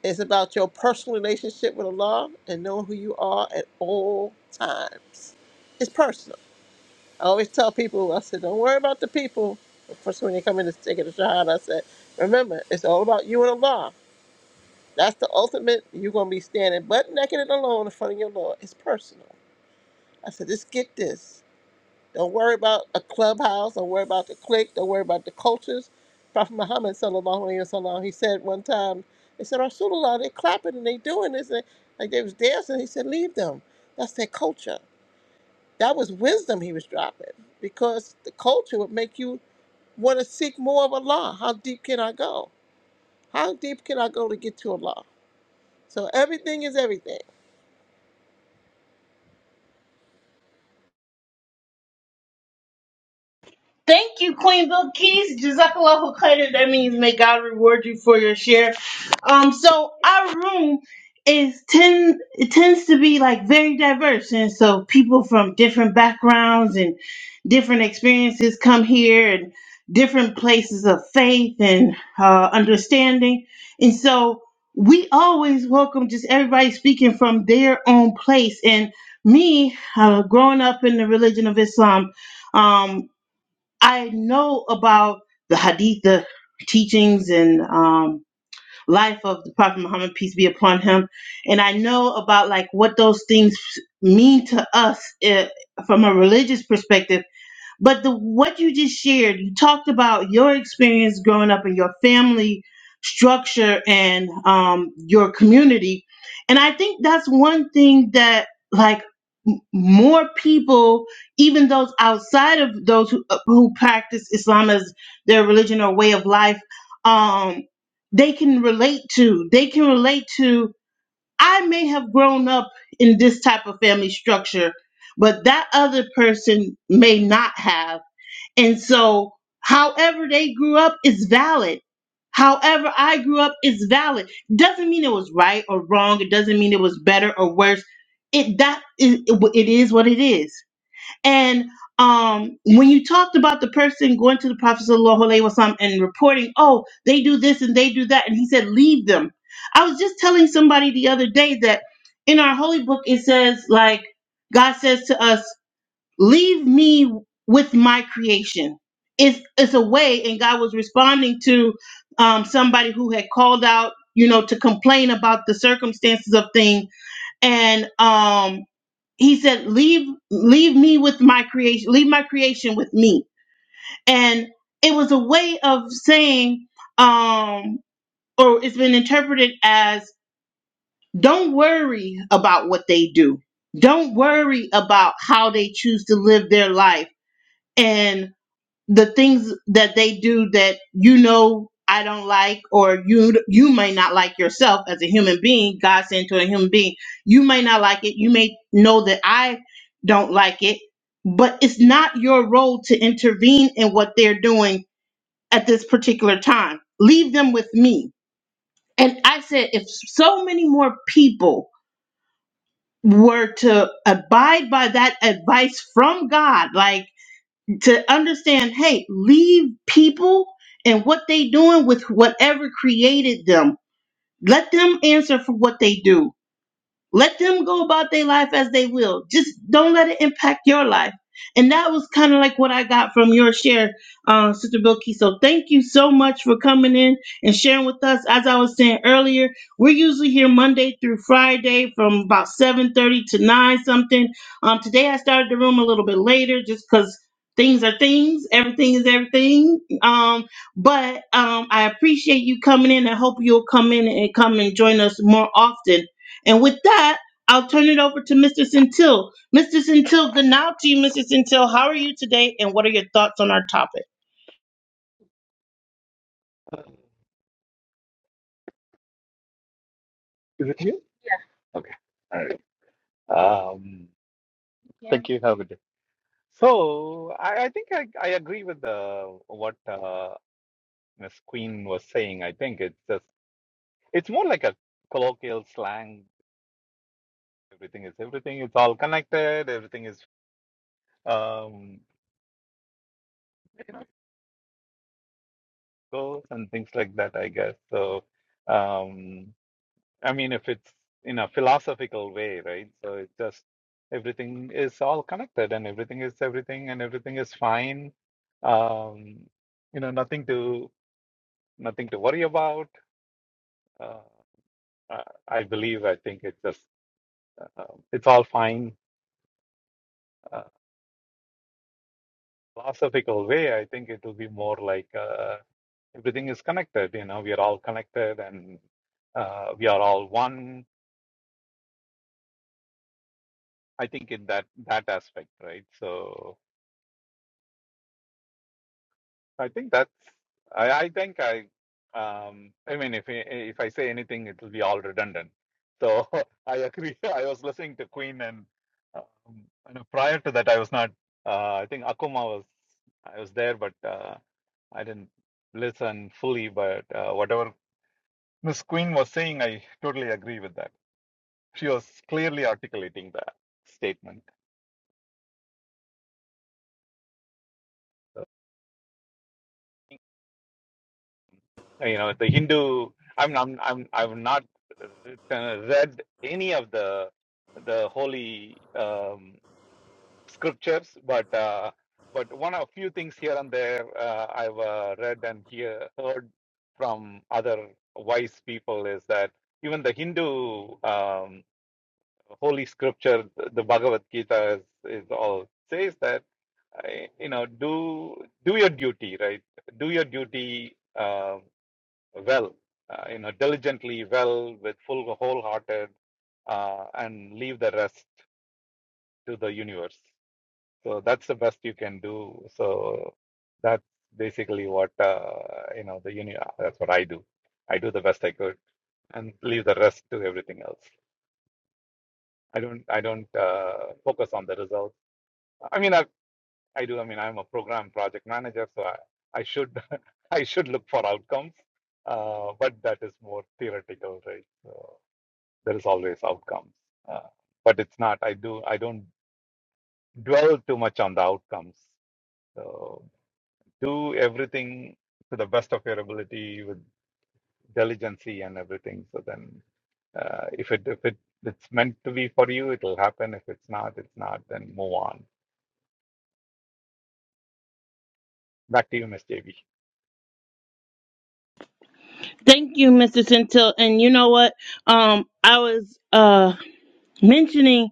Speaker 6: It's about your personal relationship with Allah and knowing who you are at all times. It's personal. I always tell people, I said, don't worry about the people. First, when you come in to take a shot, I said, remember, it's all about you and Allah. That's the ultimate. You're going to be standing butt naked and alone in front of your Lord. It's personal. I said, just get this. Don't worry about a clubhouse. Don't worry about the clique. Don't worry about the cultures. Prophet Muhammad, sallallahu alaihi wasallam, he said one time, they said, Rasulullah, they're clapping and they doing this. And like they was dancing. He said, leave them. That's their culture. That was wisdom he was dropping because the culture would make you want to seek more of Allah. How deep can I go? How deep can I go to get to Allah? So everything is everything.
Speaker 1: Thank you, Queen Bill Keys. Jazakallahu khairan. That means may God reward you for your share. Um, so our room is ten. It tends to be like very diverse, and so people from different backgrounds and different experiences come here, and different places of faith and uh, understanding. And so we always welcome just everybody speaking from their own place. And me, uh, growing up in the religion of Islam. Um, I know about the hadith, the teachings and um, life of the Prophet Muhammad, peace be upon him. And I know about like what those things mean to us eh, from a religious perspective but the what you just shared, you talked about your experience growing up in your family structure and um, your community, and I think that's one thing that like m- more people, even those outside of those who, uh, who practice Islam as their religion or way of life, um, they can relate to. They can relate to. I may have grown up in this type of family structure, but that other person may not have and so, however they grew up is valid. However I grew up is valid. Doesn't mean it was right or wrong. It doesn't mean it was better or worse. It that is it is what it is. And um, when you talked about the person going to the Prophet sallallahu alaihi wasallam and reporting, oh, they do this and they do that, and he said, leave them. I was just telling somebody the other day that in our holy book it says like God says to us leave me with my creation. It's it's a way, and God was responding to um, somebody who had called out, you know, to complain about the circumstances of things, and um, He said, "Leave leave me with my creation. Leave my creation with me." And it was a way of saying, um, or it's been interpreted as, "Don't worry about what they do. Don't worry about how they choose to live their life." And the things that they do that you know I don't like, or you you may not like yourself as a human being. God sent to a human being, you may not like it. You may know that I don't like it, but it's not your role to intervene in what they're doing at this particular time. Leave them with me. And I said, if so many more people were to abide by that advice from God, like to understand hey leave people and what they doing with whatever created them let them answer for what they do let them go about their life as they will. Just don't let it impact your life. And that was kind of like what I got from your share, uh, Sister Bilkey. So thank you so much for coming in and sharing with us. As I was saying earlier, we're usually here Monday through Friday from about 7.30 to 9 something. Um, today I started the room a little bit later just because things are things. Everything is everything. Um, but um, I appreciate you coming in. I hope you'll come in and come and join us more often and with that, I'll turn it over to Mr. Centil. Mr. Centil, good night to you, Mr. Centil. How are you today, and what are your thoughts on our topic?
Speaker 7: Is it you? Yeah. Okay. All right. Um, Yeah. thank you. Have a good day. So I, I think I, I agree with uh, what uh, Miss Queen was saying. I think it's just it's more like a colloquial slang. Everything is everything. It's all connected. Everything is um goes and things like that. I guess so. Um, I mean, if it's in a philosophical way, right? So it's just everything is all connected and everything is everything and everything is fine. Um, you know, nothing to nothing to worry about. Uh, I I believe, I think it's just um it's all fine. Uh, philosophical way, I think it will be more like uh, everything is connected. You know, we are all connected and uh, we are all one. I think in that that aspect, right? So. I think that's. I, I think I. Um, I mean, if I- if I say anything, it will be all redundant. So [laughs] I agree. [laughs] I was listening to Queen, and um, you know, prior to that, I was not. Uh, I think Akuma was. I was there, but uh, I didn't listen fully. But uh, whatever Miss Queen was saying, I totally agree with that. She was clearly articulating that statement. So, you know the hindu i'm i'm i'm i've not uh, read any of the the holy um, scriptures but uh, but one of few things here and there uh, i've uh, read and hear, heard from other wise people is that even the hindu um, holy scripture the bhagavad gita is, is all says that uh, you know do do your duty right do your duty Um, well, uh, you know, diligently well with full wholehearted, uh, and leave the rest to the universe. So that's the best you can do. So that's basically what uh, you know the uni. That's what I do. I do the best I could and leave the rest to everything else. I don't. I don't uh, focus on the results. I mean, I I do. I mean, I'm a program project manager, so I I should [laughs] I should look for outcomes. Uh, but that is more theoretical, right? So, there is always outcomes uh, but it's not i do i don't dwell too much on the outcomes so do everything to the best of your ability with diligency and everything so then uh, if it if it it's meant to be for you it'll happen if it's not it's not then move on back to you miss jb
Speaker 1: Thank you, Mr. Centil. And you know what? Um, I was uh mentioning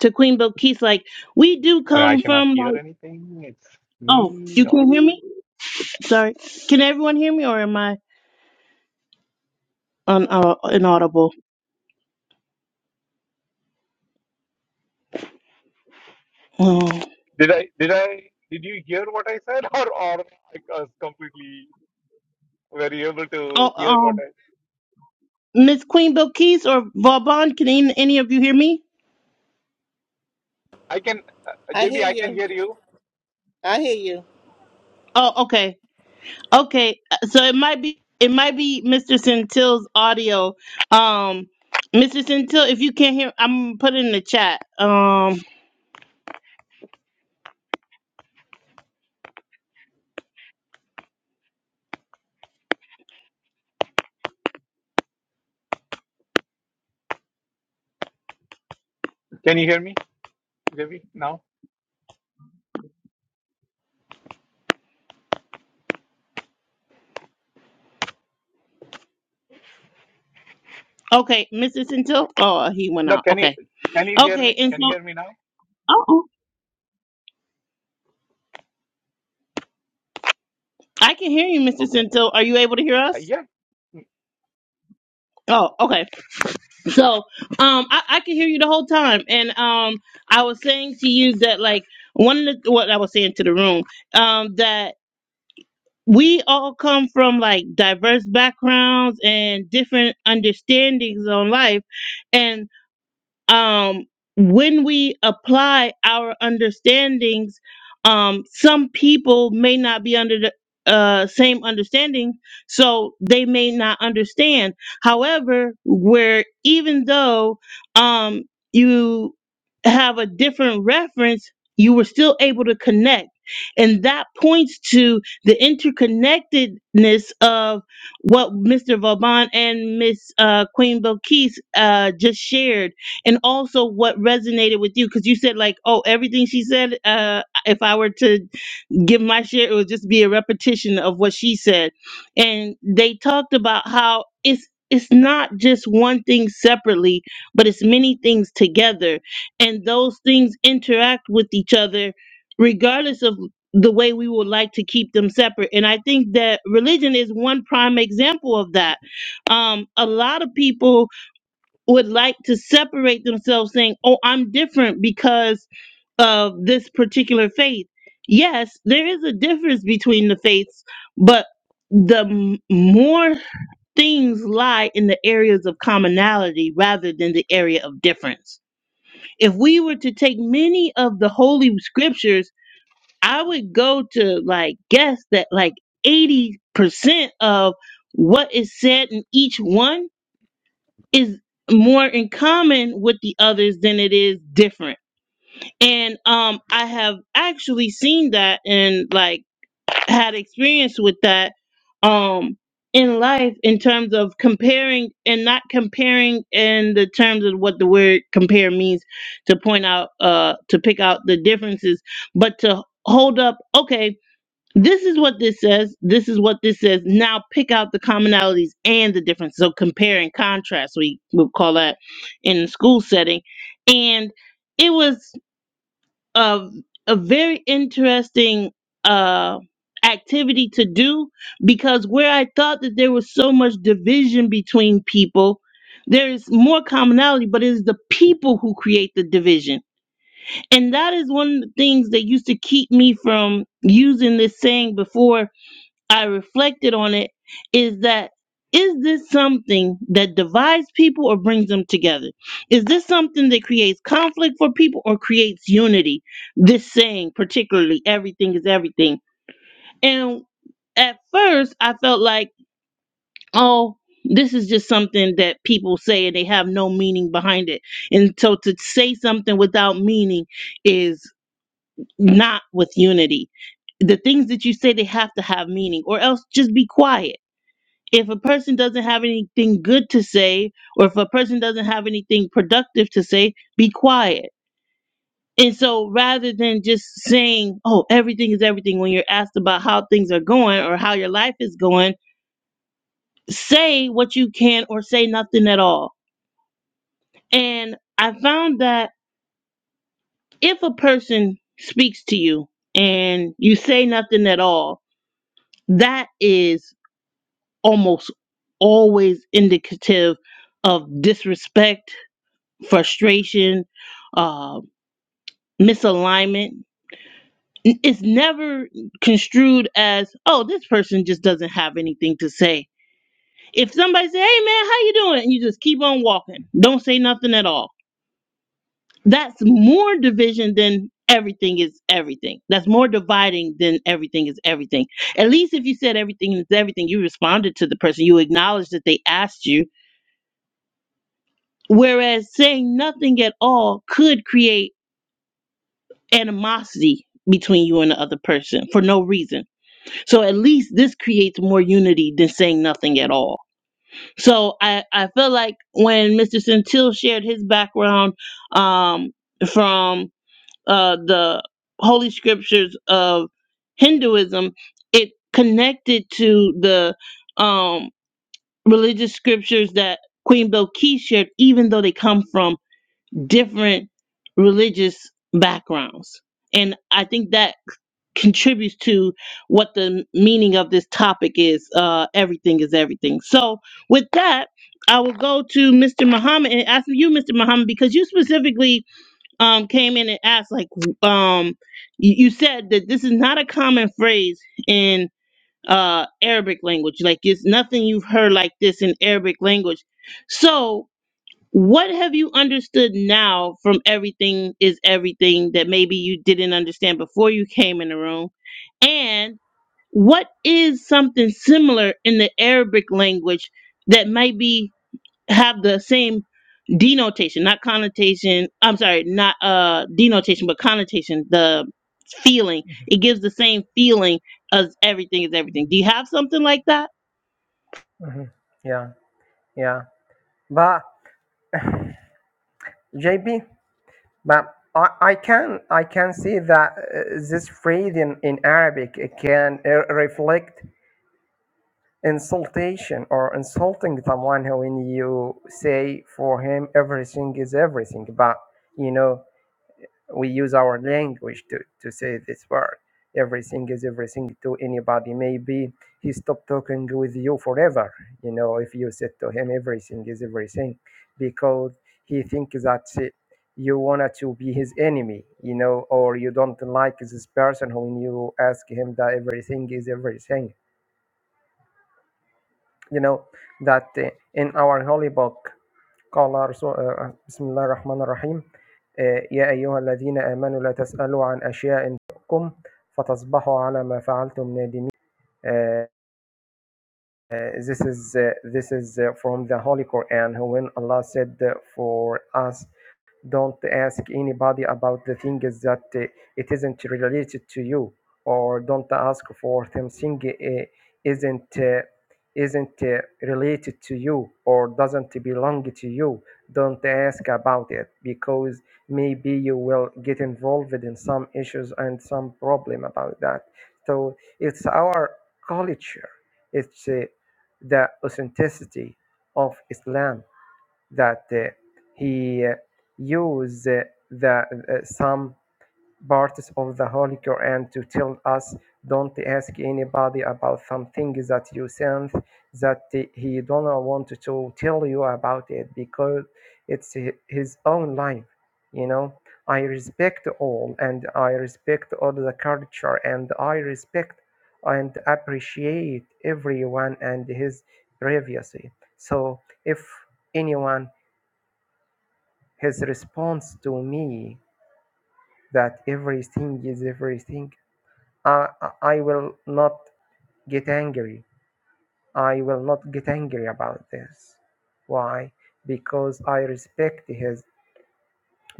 Speaker 1: to Queen Bilquis, like we do
Speaker 7: mean i
Speaker 1: come
Speaker 7: cannot
Speaker 1: from
Speaker 7: hear
Speaker 1: like.
Speaker 7: anything it's me
Speaker 1: Oh, you
Speaker 7: or
Speaker 1: can hear me? Sorry. Can everyone hear me, or am I un- uh, inaudible? Oh,
Speaker 7: did i did i did you hear what i said [laughs] or or i was completely were you able to
Speaker 1: oh
Speaker 7: hear what i
Speaker 1: um, Miss Queen Bilquis or Vauban, can any any of you hear me?
Speaker 7: I can, uh,
Speaker 6: I
Speaker 7: JB,
Speaker 6: hear
Speaker 7: I can
Speaker 6: you.
Speaker 7: hear you.
Speaker 6: I hear you.
Speaker 1: Oh, okay. Okay, uh, so it might be it might be Mr. Centil's audio. Um, Mr. Centil, if you can't hear, I'm gonna put it in the chat. Um,
Speaker 7: Can you hear me, JB? Now?
Speaker 1: okay, Mr. Centil. Oh, he went
Speaker 7: No,
Speaker 1: out.
Speaker 7: can you
Speaker 1: Okay,
Speaker 7: can you hear
Speaker 1: okay,
Speaker 7: me?
Speaker 1: and
Speaker 7: Can you
Speaker 1: so
Speaker 7: hear me now?
Speaker 1: oh, I can hear you, Mr.
Speaker 7: Okay.
Speaker 1: Centil. Are you able to hear
Speaker 7: Uh,
Speaker 1: us?
Speaker 7: yeah.
Speaker 1: Oh, okay. So, um, I, I could hear you the whole time, and um, I was saying to you that like one of the what I was saying to the room, um, that we all come from like diverse backgrounds and different understandings on life and um, when we apply our understandings, um, some people may not be under the uh, same understanding, so they may not understand. However, where even though um, you have a different reference, you were still able to connect. And that points to the interconnectedness of what Mr. Vauban and Miss uh, Queen Belkis uh, just shared and also what resonated with you because you said like oh everything she said uh if i were to give my share it would just be a repetition of what she said and they talked about how it's it's not just one thing separately but it's many things together and those things interact with each other regardless of the way we would like to keep them separate and i think that religion is one prime example of that um a lot of people would like to separate themselves saying, "Oh, I'm different because of this particular faith." Yes, there is a difference between the faiths, but the m- more things lie in the areas of commonality rather than the area of difference. If we were to take many of the holy scriptures, I would go to like guess that like 80% of what is said in each one is more in common with the others than it is different. And um I have actually seen that and like had experience with that um in life in terms of comparing and not comparing in the terms of what the word compare means to point out uh to pick out the differences but to hold up okay this is what this says. This is what this says. Now pick out the commonalities and the differences. So compare and contrast, we would call that in the school setting. And it was a, a very interesting uh, activity to do because where I thought that there was so much division between people, there is more commonality, but it is the people who create the division. And that is one of the things that used to keep me from using this saying before I reflected on it is that is this something that divides people or brings them together? Is this something that creates conflict for people or creates unity? This saying, particularly, everything is everything. And at first, I felt like, oh, this is just something that people say and they have no meaning behind it. And so to say something without meaning is not with unity the things that you say they have to have meaning or else just be quiet if a person doesn't have anything good to say or if a person doesn't have anything productive to say be quiet and so rather than just saying oh everything is everything when you're asked about how things are going or how your life is going say what you can or say nothing at all and i found that if a person speaks to you and you say nothing at all that is almost always indicative of disrespect frustration, uh, misalignment. It's never construed as, oh, this person just doesn't have anything to say. If somebody say, hey man, how you doing? And you just keep on walking. Don't say nothing at all. That's more division than everything is everything. That's more dividing than everything is everything. At least if you said everything is everything, you responded to the person. You acknowledged that they asked you. Whereas saying nothing at all could create animosity between you and the other person for no reason. So at least this creates more unity than saying nothing at all. So I, I feel like when Mr. Centil shared his background um, from uh, the holy scriptures of Hinduism, it connected to the um, religious scriptures that Queen Bilqis shared, even though they come from different religious backgrounds. And I think that contributes to what the meaning of this topic is. Uh, everything is everything. So, with that, I will go to Mr. Muhammad and ask you, Mr. Muhammad, because you specifically um, came in and asked, like, um, you, you said that this is not a common phrase in uh, Arabic language. Like, it's nothing you've heard like this in Arabic language. So, what have you understood now from everything is everything that maybe you didn't understand before you came in the room? And what is something similar in the Arabic language that might be have the same denotation, not connotation. I'm sorry, not uh denotation, but connotation, the feeling. It gives the same feeling as everything is everything. Do you have something like that?
Speaker 4: Mhm. Yeah, yeah. But JB, but I, I can I can see that uh, this phrase in, in Arabic it can uh, reflect insultation or insulting someone who when you say for him everything is everything. But you know we use our language to, to say this word. Everything is everything to anybody. Maybe he stopped talking with you forever. You know, if you said to him, everything is everything, because he thinks that uh, you wanted to be his enemy, you know, or you don't like this person when you ask him that everything is everything. You know, that uh, in our holy book, Bismillah ar-Rahman ar-Rahim. Ya ayuhā aladīna amanu, لا تسألوا عن أشياءٍ تكم فتصبحوا على ما فعلتم. نادمين. This is this is from the Holy Quran. When Allah said for us. Don't ask anybody about the things that uh, it isn't related to you, or don't ask for something uh, isn't uh, isn't uh, related to you or doesn't belong to you. Don't ask about it because maybe you will get involved in some issues and some problem about that. So it's our culture. It's uh, the authenticity of Islam that uh, he uh, used uh, the uh, some parts of the Holy Quran to tell us don't ask anybody about something that you sense that he don't want to tell you about it because it's his own life you know i respect all and i respect all the culture and i respect and appreciate everyone and his privacy so if anyone his response to me that everything is everything I, I will not get angry i will not get angry about this why because i respect his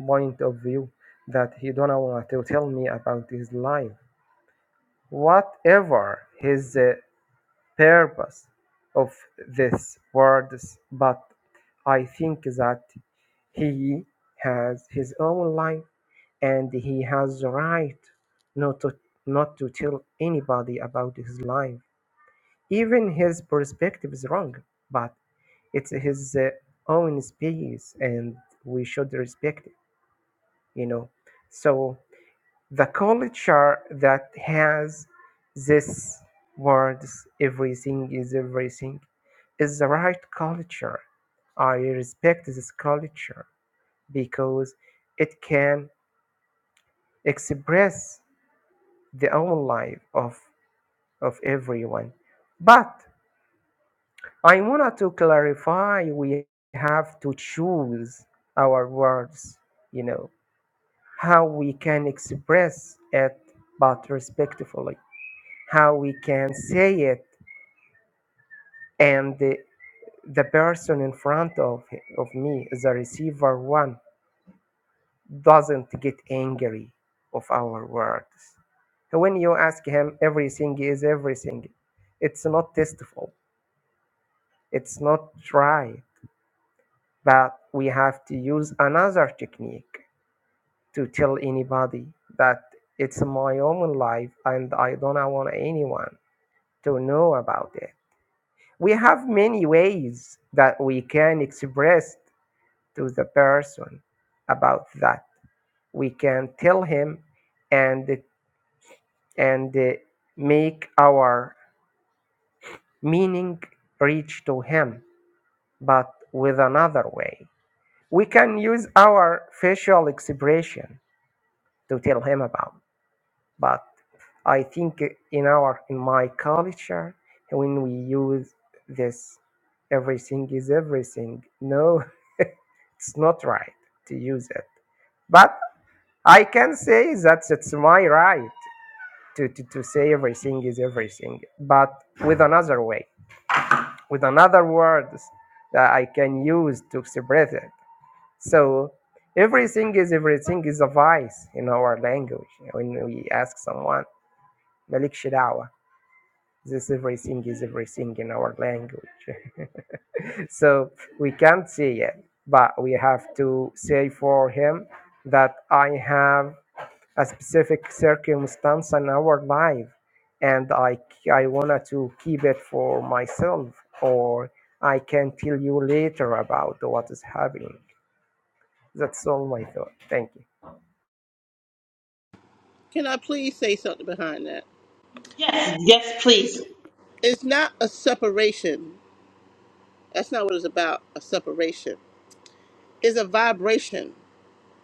Speaker 4: point of view that he don't want to tell me about his life whatever his uh, purpose of this words but i think that he has his own life and he has the right not to not to tell anybody about his life. Even his perspective is wrong, but it's his uh, own space, and we should respect it. You know, so the culture that has this words everything is everything is the right culture. I respect this culture because it can express the own life of, of everyone. But I wanted to clarify we have to choose our words, you know, how we can express it but respectfully, how we can say it and the, the person in front of, of me, the receiver one, doesn't get angry of our words. When you ask him everything is everything, it's not tasteful It's not right that we have to use another technique to tell anybody that it's my own life and I don't want anyone to know about it. We have many ways that we can express to the person about that. We can tell him and and uh, make our meaning reach to him, but with another way. We can use our facial expression to tell him about. But I think in our in my culture, when we use this, everything is everything. No, [laughs] it's not right to use it. But I can say that it's my right to, to, to say everything is everything, but with another way, with another words that I can use to express it. So everything is everything is a vice in our language. When we ask someone, Malik Shidawa, this everything is everything in our language. [laughs] so we can't say it, but we have to say for him that I have a specific circumstance in our life and I, I wanted to keep it for myself or I can tell you later about what is happening. That's all my thought. Thank you.
Speaker 6: Can I please say something behind that?
Speaker 1: Yes, yes, please.
Speaker 6: It's not a separation. That's not what it's about, a separation. It's a vibration.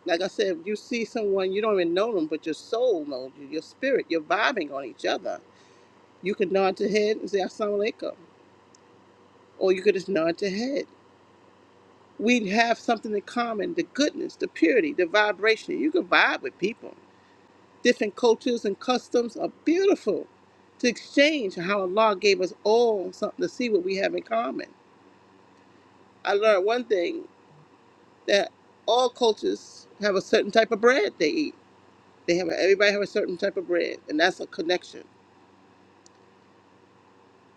Speaker 6: Like I said, if you see someone, you don't even know them, but your soul knows you, your spirit, you're vibing on each other. You could nod your head and say, Assalamu alaikum. Or you could just nod your head. we have something in common the goodness the purity the vibration you can vibe with people different cultures and customs are beautiful to exchange how allah gave us all something to see what we have in common i learned one thing that all cultures have a certain type of bread they eat they have everybody have a certain type of bread and that's a connection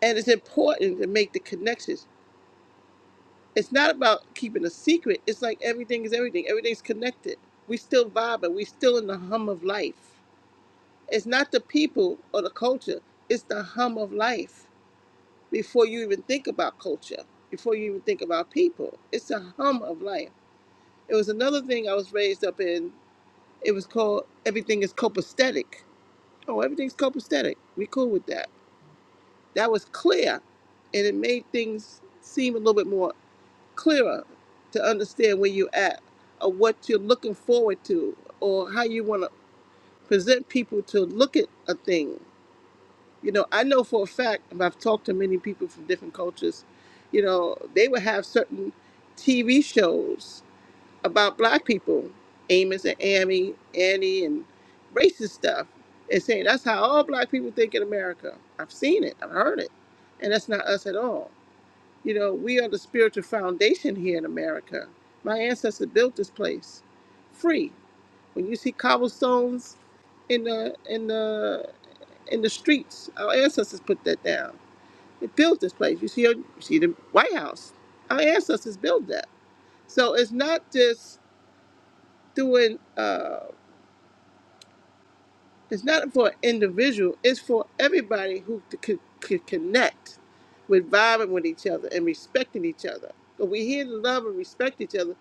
Speaker 6: and it's important to make the connections it's not about keeping a secret it's like everything is everything everything's connected we still vibe and we still in the hum of life It's not the people or the culture, it's the hum of life before you even think about culture, before you even think about people. It's the hum of life. It was another thing I was raised up in. It was called everything is copacetic. Oh, everything's copacetic. We cool with that. That was clear and it made things seem a little bit more clearer to understand where you're at or what you're looking forward to or how you want to present people to look at a thing You know, I know for a fact, and I've talked to many people from different cultures, you know, they would have certain TV shows about black people, Amos and Amy, Annie, and racist stuff, and saying that's how all black people think in America. I've seen it, I've heard it, and that's not us at all. You know, we are the spiritual foundation here in America. My ancestors built this place free. When you see cobblestones in the in the in the streets, our ancestors put that down they built this place. You see, you see the White House. Our ancestors built that. So it's not just doing. Uh, it's not for an individual. It's for everybody who could, could connect with vibing with each other and respecting each other. But we here to love and respect each other.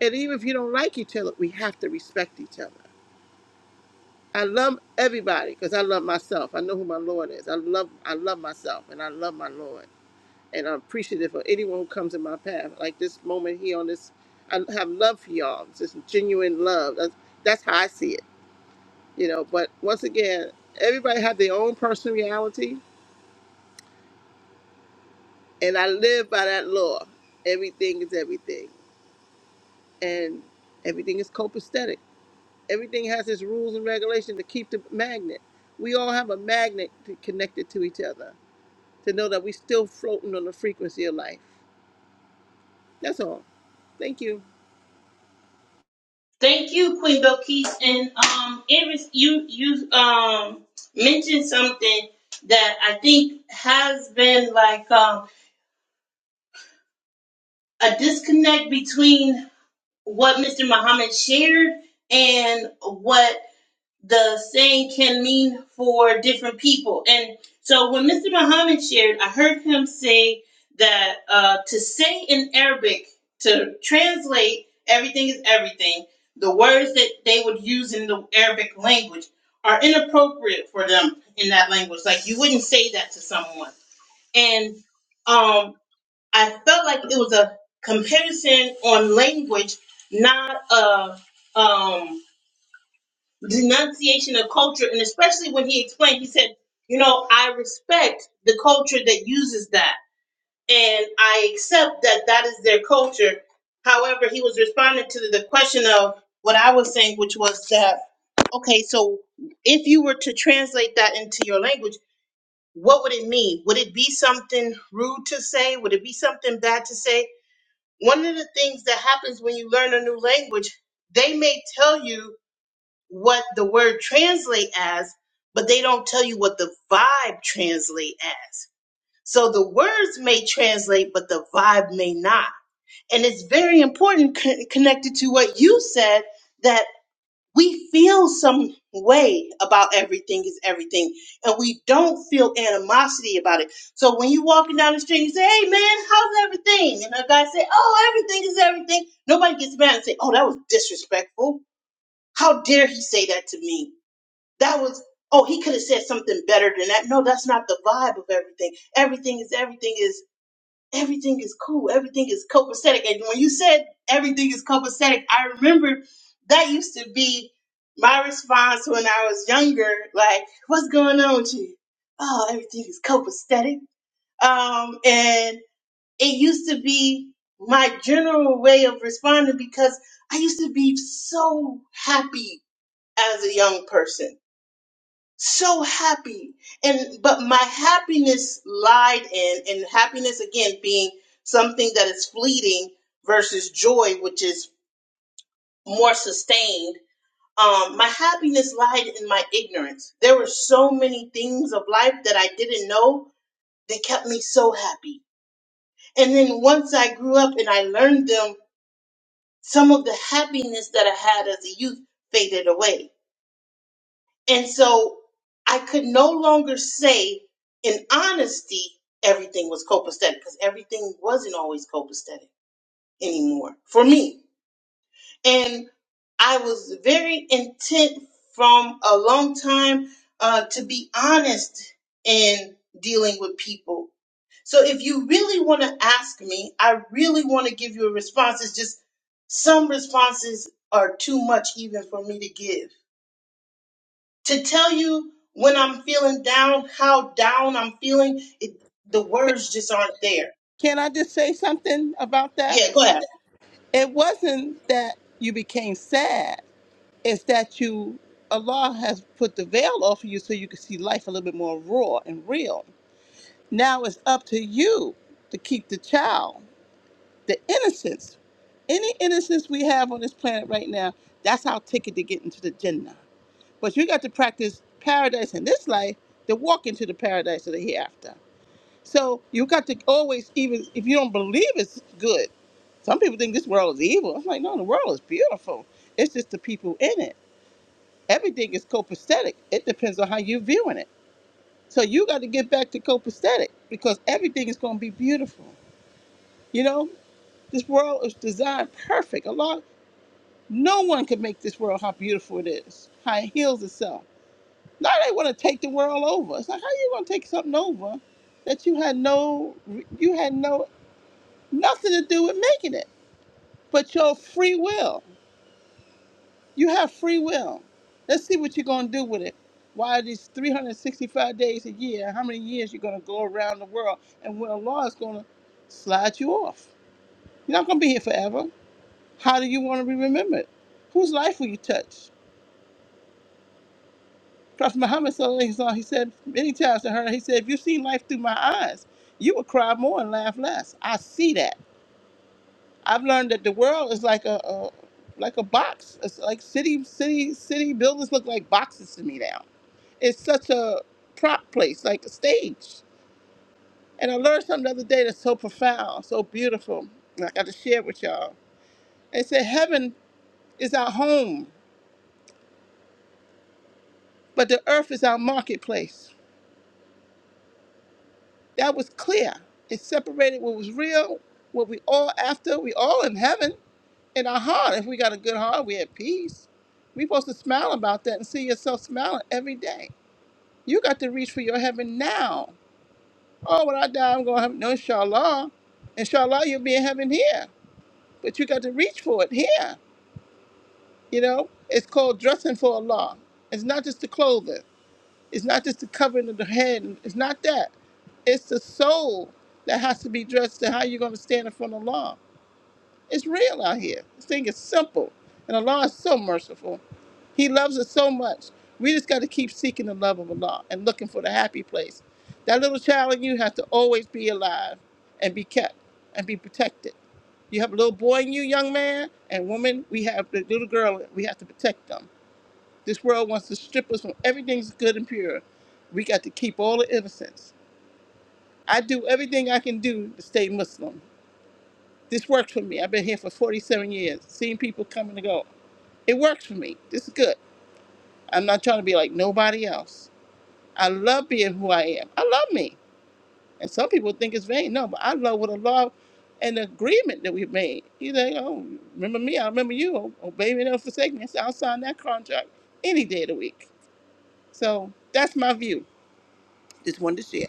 Speaker 6: And even if you don't like each other, we have to respect each other. I love everybody because I love myself. I know who my Lord is. I love I love myself and I love my Lord. and I'm appreciative of anyone who comes in my path. Like this moment here on this, I have love for y'all. It's just genuine love. That's, that's how I see it, you know. But once again, everybody have their own personal reality, and I live by that law. Everything is everything, and everything is copacetic. Everything has its rules and regulations to keep the magnet. We all have a magnet to, connected to each other to know that we're still floating on the frequency of life. That's all. Thank you.
Speaker 1: Thank you, Queen Belkis. And um, it was you. You um mentioned something that I think has been like um a disconnect between what Mr. Muhammad shared and what the saying can mean for different people. And so when Mr. Muhammad shared, I heard him say that uh, to say in Arabic, to translate everything is everything, the words that they would use in the Arabic language are inappropriate for them in that language. Like you wouldn't say that to someone. And um, I felt like it was a comparison on language, not a. Um, denunciation of culture, and especially when he explained, he said, "You know, I respect the culture that uses that, and I accept that that is their culture." However, he was responding to the question of what I was saying, which was that, okay, so if you were to translate that into your language, what would it mean? Would it be something rude to say? Would it be something bad to say? One of the things that happens when you learn a new language, they may tell you what the word translate as, but they don't tell you what the vibe translate as. So the words may translate, but the vibe may not. And it's very important con- connected to what you said that we feel some way about everything is everything and we don't feel animosity about it. So when you walking down the street and you say, Hey man, how's everything? And a guy say, Oh, everything is everything. Nobody gets mad and say, Oh, that was disrespectful. How dare he say that to me? That was, oh, he could have said something better than that. No, that's not the vibe of everything. Everything is, everything is, everything is cool. Everything is copacetic. And when you said everything is copacetic, I remember that used to be my response when I was younger. Like, what's going on with you? Oh, everything is copacetic. Um, and it used to be my general way of responding because I used to be so happy as a young person so happy and but my happiness lied in and happiness again being something that is fleeting versus joy which is more sustained um my happiness lied in my ignorance there were so many things of life that i didn't know that kept me so happy and then once i grew up and i learned them some of the happiness that i had as a youth faded away And so I could no longer say in honesty everything was copacetic because everything wasn't always copacetic anymore for me. And I was very intent from a long time uh, to be honest in dealing with people. So if you really want to ask me, I really want to give you a response. It's just some responses are too much even for me to give to tell you when I'm feeling down, how down I'm feeling, it, the
Speaker 6: [laughs]
Speaker 1: words just aren't there.
Speaker 6: Can I just say something about that?
Speaker 1: Yeah, go ahead.
Speaker 6: It wasn't that you became sad, it's that you, Allah has put the veil off of you so you can see life a little bit more raw and real. Now it's up to you to keep the child, the innocence. Any innocence we have on this planet right now, that's our ticket to get into the Jannah. But you got to practice paradise in this life to walk into the paradise of the hereafter. So you got to always, even if you don't believe it's good, some people think this world is evil. I'm like, no, the world is beautiful. It's just the people in it. Everything is copacetic. It depends on how you're viewing it. So you got to get back to copacetic because everything is going to be beautiful. You know, this world is designed perfect. A lot, no one can make this world how beautiful it is, how it heals itself. Now they want to take the world over. It's like, how you going to take something over that you had no, you had no Nothing to do with making it, but your free will. You have free will. Let's see what you're going to do with it. Why these 365 days a year, how many years you're going to go around the world, and when Allah is going to slide you off. You're not going to be here forever. How do you want to be remembered? Whose life will you touch? Prophet Muhammad, sallallahu alaihi wasallam, he said many times to her, he said, if you see life through my eyes, you would cry more and laugh less. I see that. I've learned that the world is like a, a like a box. It's like city city city buildings look like boxes to me now. It's such a prop place, like a stage. And I learned something the other day that's so profound, so beautiful. And I got to share it with y'all. It said heaven is our home, but the earth is our marketplace. That was clear. It separated what was real, what we all after. We all in heaven. in our heart. If we got a good heart, we at peace. we supposed to smile about that and see yourself smiling every day. You got to reach for your heaven now. Oh, when I die, I'm going to heaven. No, inshallah. Inshallah, you'll be in heaven here. But you got to reach for it here. You know, it's called dressing for Allah. It's not just the clothing. It's not just the covering of the head. It's not that. It's the soul that has to be dressed to how you're going to stand in front of Allah. It's real out here. This thing is simple. And Allah is so merciful. He loves us so much. We just got to keep seeking the love of Allah and looking for the happy place. That little child in you has to always be alive and be kept and be protected. You have a little boy in you, young man and woman. We have the little girl. We have to protect them. This world wants to strip us from everything that's good and pure. We got to keep all the innocence. I do everything I can do to stay Muslim this works for me. I've been here for 47 years, seeing people come and go. It works for me. This is good. I'm not trying to be like nobody else. I love being who I am. I love me. And some people think it's vain. No, but I love what I love and the agreement that we've made. You think, oh, remember me, I remember you. Oh, oh baby, don't forsake me. I said, I'll sign that contract any day of the week. So that's my view. Just wanted to share.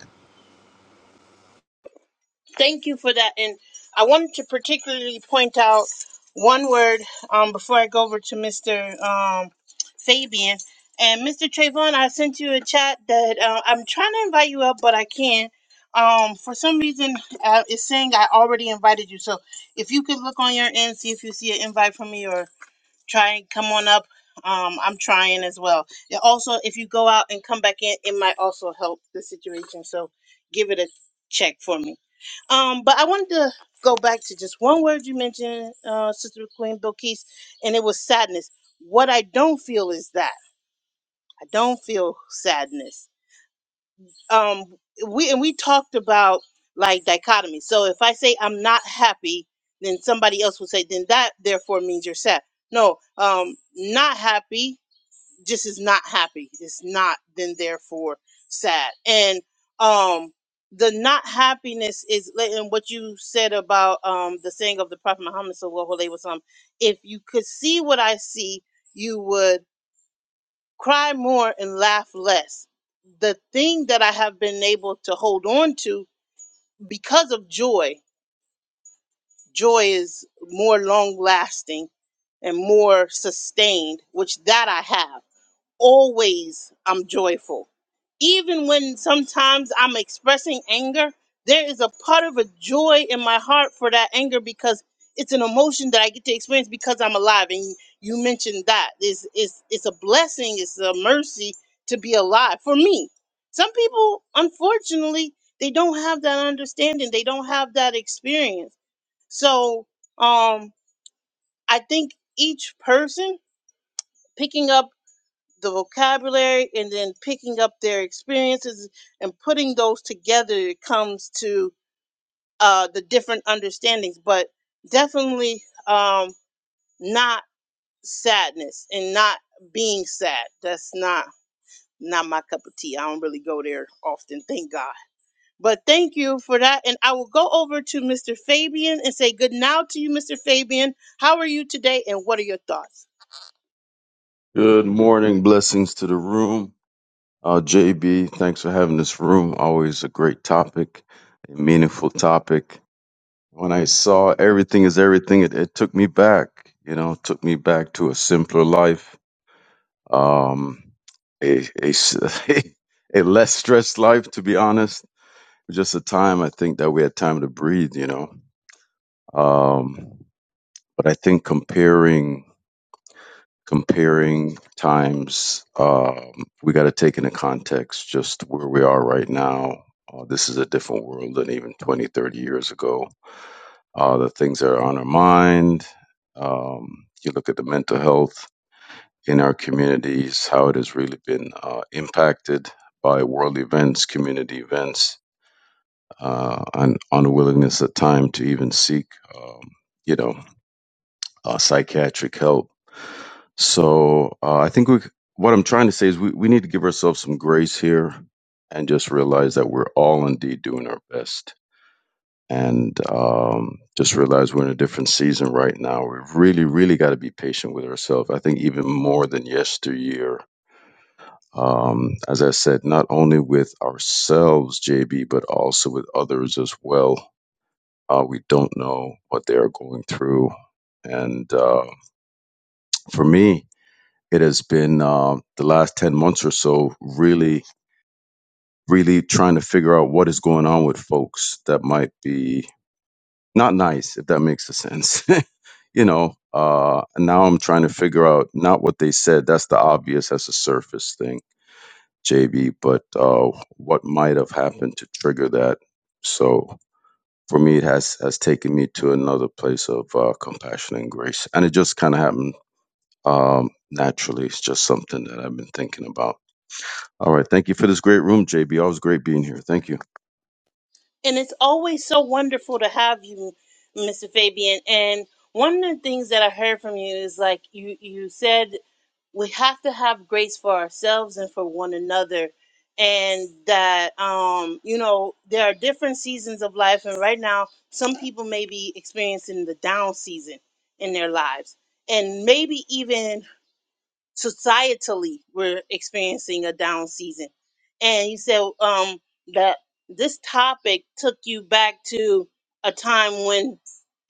Speaker 1: Thank you for that. And I wanted to particularly point out one word um, before I go over to Mr. Um, Fabian. And Mr. Trayvon, I sent you a chat that uh, I'm trying to invite you up, but I can't. Um, for some reason, uh, it's saying I already invited you. So if you could look on your end, see if you see an invite from me, or try and come on up. Um, I'm trying as well. And also, if you go out and come back in, it might also help the situation. So give it a check for me. Um, but I wanted to go back to just one word you mentioned, uh, Sister Queen Bilquis, and it was sadness. What I don't feel is that. I don't feel sadness um we and we talked about like dichotomy so if i say i'm not happy then somebody else will say then that therefore means you're sad no um not happy just is not happy it's not then therefore sad and um the not happiness is like- and what you said about um the saying of the prophet muhammad sallallahu alaihi wasallam if you could see what i see you would cry more and laugh less. The thing that I have been able to hold on to because of joy, joy is more long lasting and more sustained, which that I have always I'm joyful. Even when sometimes I'm expressing anger, there is a part of a joy in my heart for that anger because it's an emotion that I get to experience because I'm alive. And you mentioned that. It's, it's, it's a blessing, it's a mercy to be alive for me. Some people, unfortunately, they don't have that understanding, they don't have that experience. So um, I think each person picking up the vocabulary and then picking up their experiences and putting those together it comes to uh, the different understandings but definitely um, not sadness and not being sad that's not not my cup of tea i don't really go there often thank god but thank you for that and i will go over to mr fabian and say good now to you mr fabian how are you today and what are your thoughts
Speaker 8: Good morning. Blessings to the room. Uh, JB, thanks for having this room. Always a great topic, a meaningful topic. When I saw everything is everything, it, it took me back, you know, took me back to a simpler life, um, a, a, s- [laughs] a less stressed life, to be honest. Just a time I think that we had time to breathe, you know. Um, but I think comparing comparing times. Um, we got to take into context just where we are right now. Uh, this is a different world than even 20, 30 years ago. Uh, the things that are on our mind, um, you look at the mental health in our communities, how it has really been uh, impacted by world events, community events, uh, and unwillingness at time to even seek, um, you know, uh, psychiatric help So uh, I think we, what I'm trying to say is we, we need to give ourselves some grace here and just realize that we're all indeed doing our best. And um, just realize we're in a different season right now. We really, really got to be patient with ourselves. I think even more than yesteryear. Um, as I said, not only with ourselves, JB, but also with others as well. Uh, we don't know what they are going through. And uh, for me, it has been uh, the last 10 months or so really really trying to figure out what is going on with folks that might be not nice if that makes a sense [laughs] you know uh and now i'm trying to figure out not what they said that's the obvious that's a surface thing jb but uh what might have happened to trigger that so for me it has has taken me to another place of uh, compassion and grace and it just kind of happened um naturally it's just something that i've been thinking about All right. Thank you for this great room, JB. Always great being here. Thank you.
Speaker 1: and it's always so wonderful to have you, Mr. Fabian. And one of the things that I heard from you is like you you said we have to have grace for ourselves and for one another. And that um, you know, there are different seasons of life and right now some people may be experiencing the down season in their lives. And maybe even societally we're experiencing a down season and you said um that this topic took you back to a time when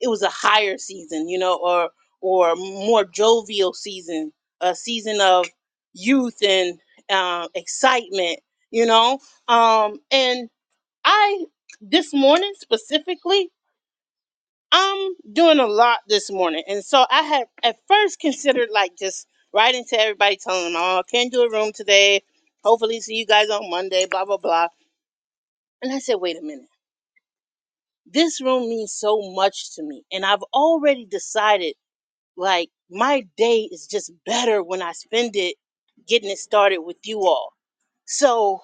Speaker 1: it was a higher season you know or or more jovial season a season of youth and um, excitement you know um and i this morning specifically I'm doing a lot this morning, and so I had at first considered like just writing to everybody, telling them, "Oh, I can't do a room today. Hopefully, see you guys on Monday." Blah blah blah. And I said, "Wait a minute, this room means so much to me, and I've already decided like my day is just better when I spend it getting it started with you all." So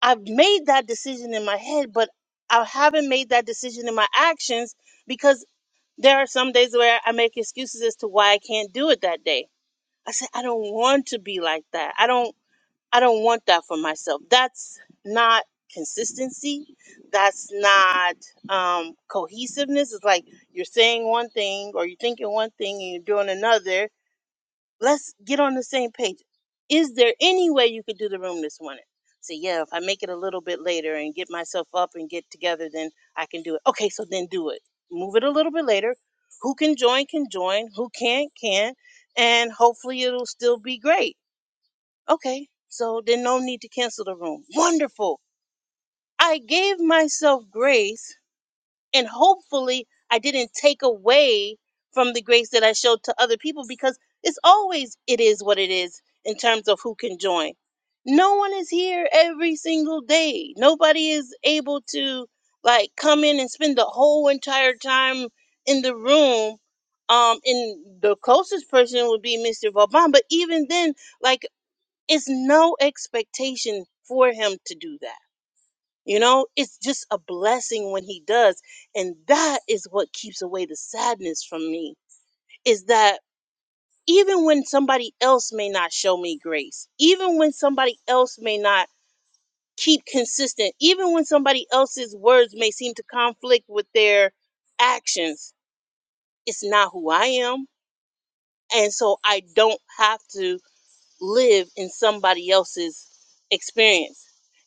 Speaker 1: I've made that decision in my head, but I haven't made that decision in my actions because. There are some days where I make excuses as to why I can't do it that day. I said I don't want to be like that. I don't I don't want that for myself. That's not consistency. That's not um cohesiveness. It's like you're saying one thing or you're thinking one thing and you're doing another Let's get on the same page. Is there any way you could do the room this morning? So yeah, if I make it a little bit later and get myself up and get together, then I can do it. Okay, so then do it. Move it a little bit later. Who can join can join. Who can't can, and hopefully it'll still be great. Okay, so then no need to cancel the room. Wonderful. I gave myself grace and hopefully, I didn't take away from the grace that I showed to other people because it's always, it is what it is in terms of who can join. No one is here every single day. Nobody is able to like come in and spend the whole entire time in the room. Um, and the closest person would be Mr. Vauban, but even then, like, it's no expectation for him to do that you know, it's just a blessing when he does. And that is what keeps away the sadness from me is that even when somebody else may not show me grace, even when somebody else may not keep consistent, even when somebody else's words may seem to conflict with their actions, it's not who I am. And so I don't have to live in somebody else's experience.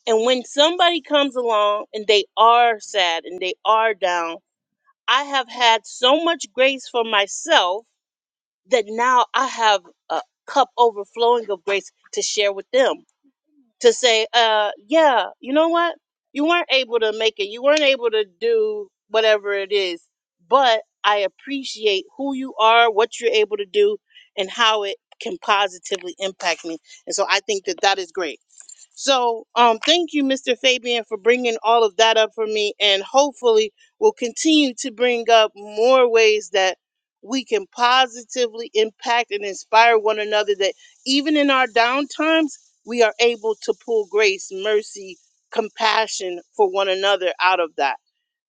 Speaker 1: And when somebody comes along and they are sad and they are down, I have had so much grace for myself that now I have a cup overflowing of grace to share with them. To say, uh, yeah, you know what? You weren't able to make it. You weren't able to do whatever it is, but I appreciate who you are, what you're able to do, and how it can positively impact me. And so I think that that is great. So, um, thank you, Mr. Fabian, for bringing all of that up for me, and hopefully, we'll continue to bring up more ways that we can positively impact and inspire one another. That even in our downtimes, we are able to pull grace, mercy, compassion for one another out of that.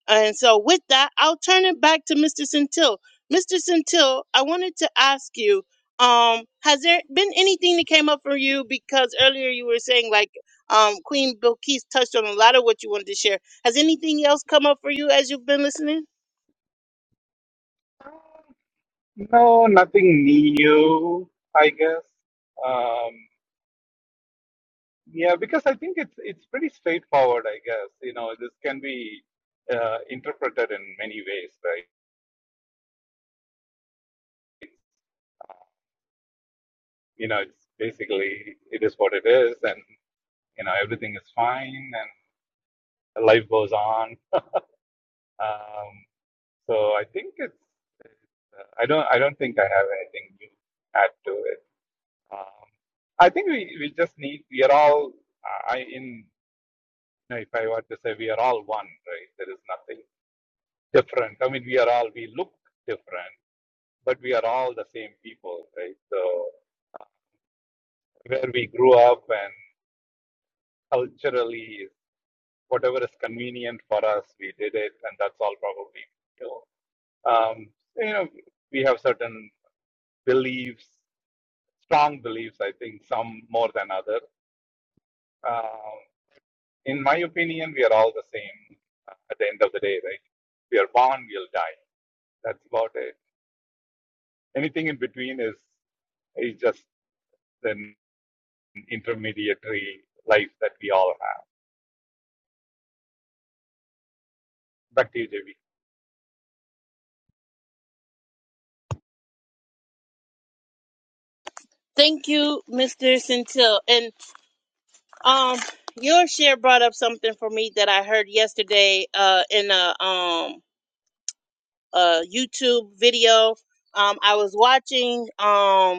Speaker 1: And so, with that, I'll turn it back to Mr. Centil. Mr. Centil, I wanted to ask you: um, Has there been anything that came up for you? Because earlier you were saying like um, Queen Bilquis touched on a lot of what you wanted to share. Has anything else come up for you as you've been listening?
Speaker 7: No, nothing new, I guess. Um, yeah, because I think it's it's pretty straightforward, I guess. You know, this can be uh, interpreted in many ways, right? You know, it's basically it is what it is, and you know everything is fine, and life goes on. Um, so I think it's. Uh, I don't I don't think I have anything new to add to it. Um, I think we, we just need we are all I in you know, if I were to say we are all one, right? There is nothing different. I mean we are all we look different, but we are all the same people, right? So where we grew up and culturally whatever is convenient for us, we did it and that's all probably you know. Um, you know, we have certain beliefs, strong beliefs, I think, some more than others Uh, in my opinion, we are all the same uh, at the end of the day, right? We are born, we'll die. That's about it. Anything in between is is just an intermediary life that we all have. Back to you, JB.
Speaker 1: Thank you, Mr. Centil. And um, your share brought up something for me that I heard yesterday uh, in a um a YouTube video. Um, I was watching. Um,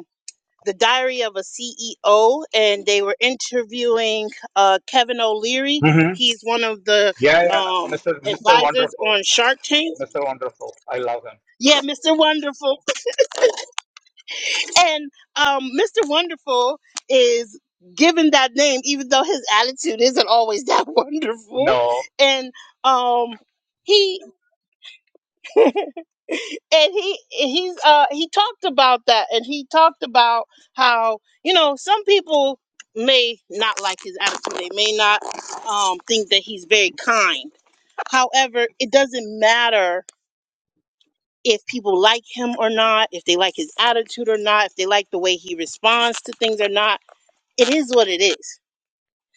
Speaker 1: the diary of a ceo and they were interviewing uh, kevin o'leary
Speaker 7: hmm
Speaker 1: he's one of the
Speaker 7: Yeah, yeah,
Speaker 1: um,
Speaker 7: Mr. Mr.
Speaker 1: advisors
Speaker 7: Wonderful,
Speaker 1: on shark tank
Speaker 7: Mr. Wonderful. I love him.
Speaker 1: yeah mr wonderful and um, mr wonderful is given that name even though his attitude isn't always that [laughs] wonderful
Speaker 7: No,
Speaker 1: and um, he [laughs] and he he's uh he talked about that and he talked about how you know some people may not like his attitude they may not um think that he's very kind however it doesn't matter if people like him or not if they like his attitude or not if they like the way he responds to things or not it is what it is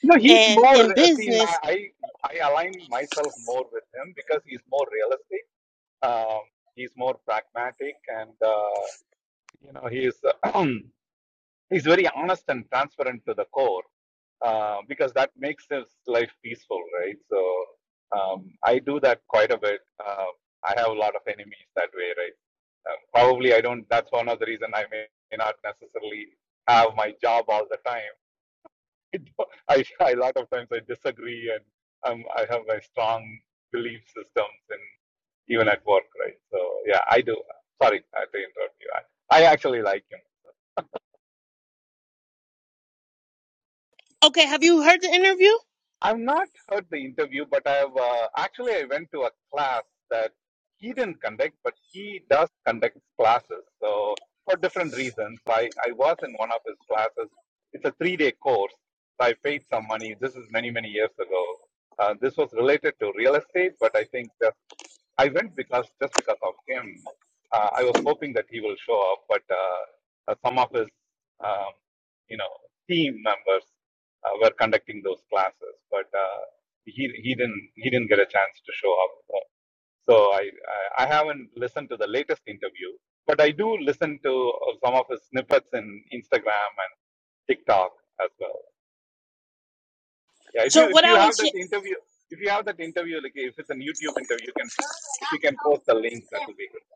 Speaker 7: no, he's
Speaker 1: and
Speaker 7: more.
Speaker 1: in
Speaker 7: See, now
Speaker 1: business
Speaker 7: I I align myself more with him because he's more realistic. Um, he's more pragmatic, and uh, you know, he's. [clears throat] uh, he's very honest and transparent to the core uh, because that makes his life peaceful, right? So um, I do that quite a bit. Um I have a lot of enemies that way, right? Um, probably I don't. That's one of the reason I may, not necessarily have my job all the time. [laughs] I, I a lot of times I disagree and um, I have my strong belief systems and even at work, right? So yeah, I do. Sorry I had to interrupt you. I, I actually like him.
Speaker 1: okay have you heard the interview
Speaker 7: I've not heard the interview, but I've uh, actually I went to a class that he didn't conduct, but he does conduct classes. So for different reasons, I I was in one of his classes. It's a three day course. I paid some money. This is many many years ago. Uh, this was related to real estate, but I think there's I went because just because of him. Uh, I was hoping that he will show up, but uh, uh, some of his, um, you know, team members uh, were conducting those classes, but uh, he he didn't he didn't get a chance to show up. Uh, So I I I haven't listened to the latest interview, but I do listen to uh, some of his snippets in Instagram and TikTok as well. Yeah, if you
Speaker 1: so
Speaker 7: if
Speaker 1: what
Speaker 7: you
Speaker 1: i
Speaker 7: have
Speaker 1: was
Speaker 7: that interview. If you have that interview, like if it's a YouTube interview, you can if you can post the link, that will be good.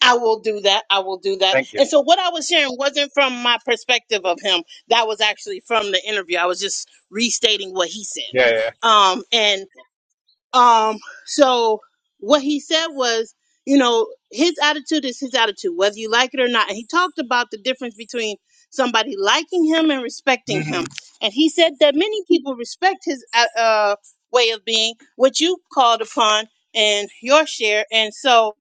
Speaker 1: I will do that. I will do that.
Speaker 7: Thank you.
Speaker 1: And so what I was sharing wasn't from my perspective of him. That was actually from the interview. I was just restating what he said.
Speaker 7: Yeah, yeah.
Speaker 1: Um and um so what he said was, you know, his attitude is his attitude, whether you like it or not. And he talked about the difference between somebody liking him and respecting
Speaker 7: hmm
Speaker 1: him. And he said that many people respect his uh uh, way of being, which you called upon in your share. And so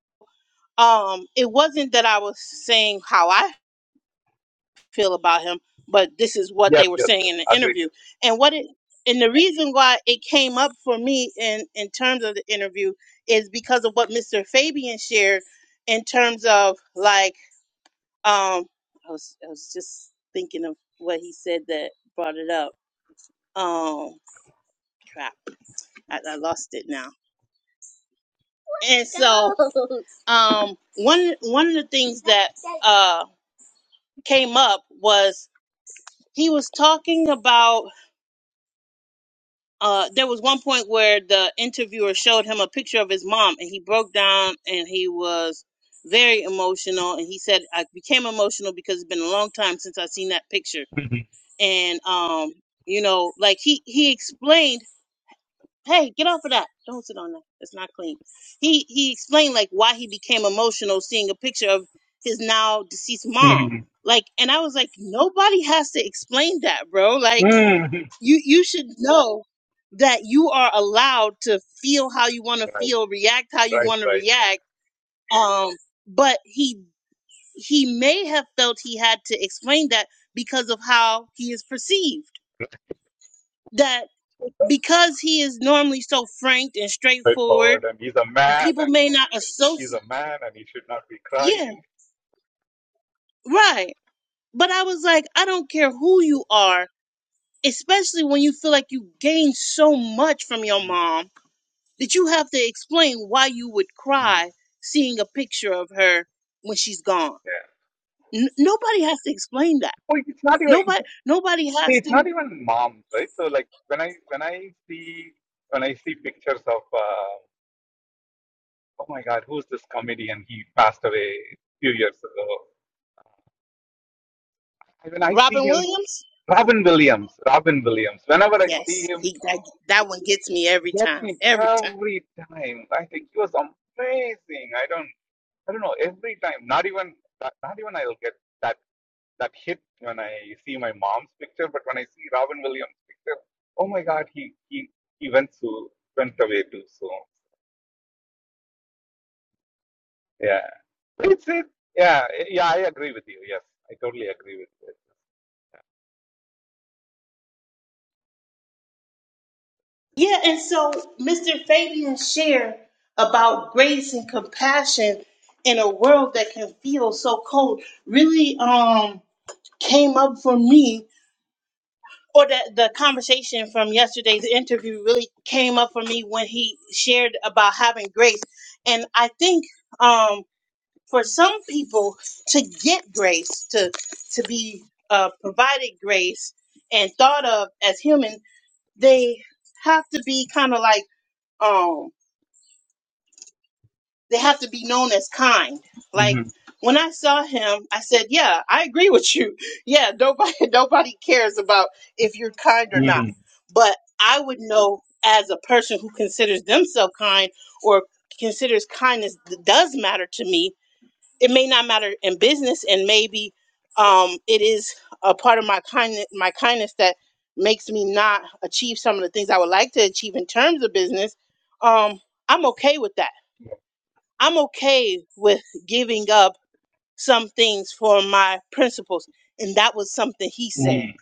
Speaker 1: um it wasn't that i was saying how i feel about him but this is what they
Speaker 7: Yes,
Speaker 1: were
Speaker 7: yes,
Speaker 1: saying
Speaker 7: yes.
Speaker 1: in the
Speaker 7: Agreed.
Speaker 1: interview and what it and the reason why it came up for me in in terms of the interview is because of what mr fabian shared in terms of like um i was i was just thinking of what he said that brought it up um crap i, I lost it now and so [laughs] um one one of the things that uh came up he was talking about uh there was one point where the interviewer showed him a picture of his mom and he broke down and he was very emotional and he said I became emotional because it's been a long time since I've seen that picture
Speaker 7: hmm
Speaker 1: and um you know like he he explained hey get off of that don't sit on that it's not clean he he explained like why he became emotional seeing a picture of his now deceased mom
Speaker 7: hmm
Speaker 1: like and I was like nobody has to explain that bro like
Speaker 7: hmm
Speaker 1: you you should know that you are allowed to feel how you want to
Speaker 7: Right,
Speaker 1: feel react how you
Speaker 7: right,
Speaker 1: want to
Speaker 7: right.
Speaker 1: react um but he he may have felt he had to explain that because of how he is perceived that because he is normally so frank and straightforward
Speaker 7: Straightforward. And he's a man,
Speaker 1: people
Speaker 7: and
Speaker 1: may not
Speaker 7: he's
Speaker 1: associate
Speaker 7: a man, and he should not be
Speaker 1: yeah
Speaker 7: crying.
Speaker 1: right but i was like i don't care who you are especially when you feel like you gained so much from your
Speaker 7: Mhm.
Speaker 1: mom that you have to explain why you would
Speaker 7: Mhm.
Speaker 1: cry seeing a picture of her when she's gone.
Speaker 7: Yeah.
Speaker 1: N- nobody has to explain that.
Speaker 7: Oh, it's not even. It's,
Speaker 1: Nobody, nobody
Speaker 7: see,
Speaker 1: has
Speaker 7: it's
Speaker 1: to.
Speaker 7: not even moms, right? So, like when I when I see when I see pictures of uh, oh my God, who's this comedian? He passed away a few years ago. When I see
Speaker 1: Robin
Speaker 7: him,
Speaker 1: Williams.
Speaker 7: Robin Williams, Robin Williams. Whenever I see
Speaker 1: Yes,
Speaker 7: him
Speaker 1: he that that one gets me every
Speaker 7: gets
Speaker 1: time,
Speaker 7: me
Speaker 1: every time.
Speaker 7: every time. I think he was amazing. I don't, I don't know. Every time, not even, not not even I'll get that that hit when I see my mom's picture, but when I see Robin Williams' picture, oh my God, he he he went so went away too soon. Yeah, that's it. Yeah, yeah, I agree with you. Yes, I totally agree with you.
Speaker 1: Yeah, and so Mr. Fabian shared about grace and compassion in a world that can feel so cold. Really, um, came up for me or the, the conversation from yesterday's interview really came up for me when he shared about having grace and i think um for some people to get grace to to be uh provided grace and thought of as human they have to be kind of like um, they have to be known as kind. Like
Speaker 7: Mm-hmm.
Speaker 1: when I saw him, I said, "Yeah, I agree with you. Yeah, nobody [laughs] nobody cares about if you're kind or not."
Speaker 7: Mm-hmm.
Speaker 1: But I would know as a person who considers themselves kind or considers kindness th- does matter to me. It may not matter in business, and maybe um, it is a part of my kindness, my kindness that makes me not achieve some of the things I would like to achieve in terms of business. Um, I'm okay with that I'm okay with giving up some things for my principles. And that was something he said.
Speaker 7: Mm-hmm.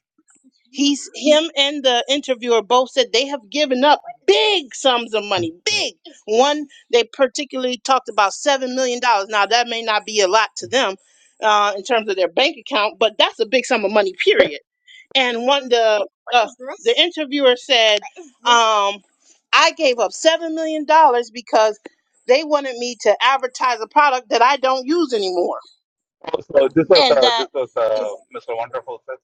Speaker 1: He's him and the interviewer both said they have given up big sums of money. Big. One they particularly talked about seven million dollars. Now that may not be a lot to them uh, in terms of their bank account, but that's a big sum of money, period and one the uh, the interviewer said, um, "I gave up seven million dollars because they wanted me to advertise a product that I don't use anymore,
Speaker 7: Oh, so this was
Speaker 1: and
Speaker 7: uh,
Speaker 1: that
Speaker 7: this was
Speaker 1: is.
Speaker 7: uh, Mr. Wonderful, sir,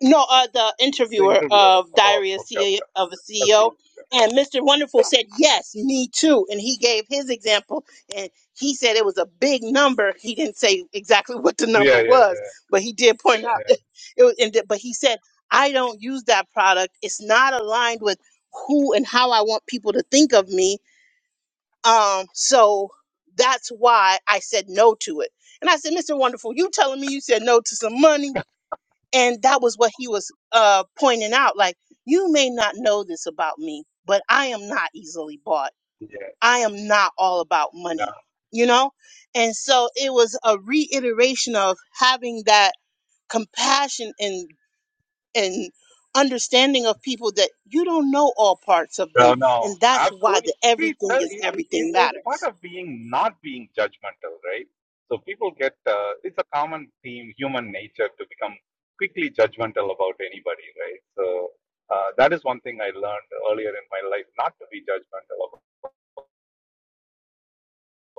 Speaker 1: No, uh, the
Speaker 7: the
Speaker 1: interviewer
Speaker 7: interviewer.
Speaker 1: of
Speaker 7: Oh,
Speaker 1: Diary of,
Speaker 7: okay,
Speaker 1: CEO,
Speaker 7: okay.
Speaker 1: of a
Speaker 7: I see.
Speaker 1: CEO and Mr. Wonderful said, Yes, me too. And he gave his example and he said it was a big number. He didn't say exactly [laughs] what the
Speaker 7: Oh,
Speaker 1: number
Speaker 7: Yeah, yeah,
Speaker 1: was,
Speaker 7: yeah,
Speaker 1: but he did point out
Speaker 7: yeah,
Speaker 1: that it was, and that- but he said, I don't use that product. It's not aligned with who and how I want people to think of me. Um, so that's why I said no to it. And I said, Mr. Wonderful, you telling me you said no to some money? and that was what he was uh pointing out like you may not know this about me but i am not easily bought
Speaker 7: Mm. yeah.
Speaker 1: i am not all about
Speaker 7: No,
Speaker 1: money you know and so it was a reiteration of having that compassion and and understanding of people that you don't know all parts of them
Speaker 7: no, no,
Speaker 1: and that's why
Speaker 7: absolutely.
Speaker 1: the
Speaker 7: See,
Speaker 1: everything
Speaker 7: sir,
Speaker 1: is
Speaker 7: it, it, it
Speaker 1: everything
Speaker 7: is part
Speaker 1: matters
Speaker 7: of being not being judgmental, right? So people get uh, it's a common theme, human nature to become quickly judgmental about anybody, right? So uh, that is one thing I learned earlier in my life, not to be judgmental about.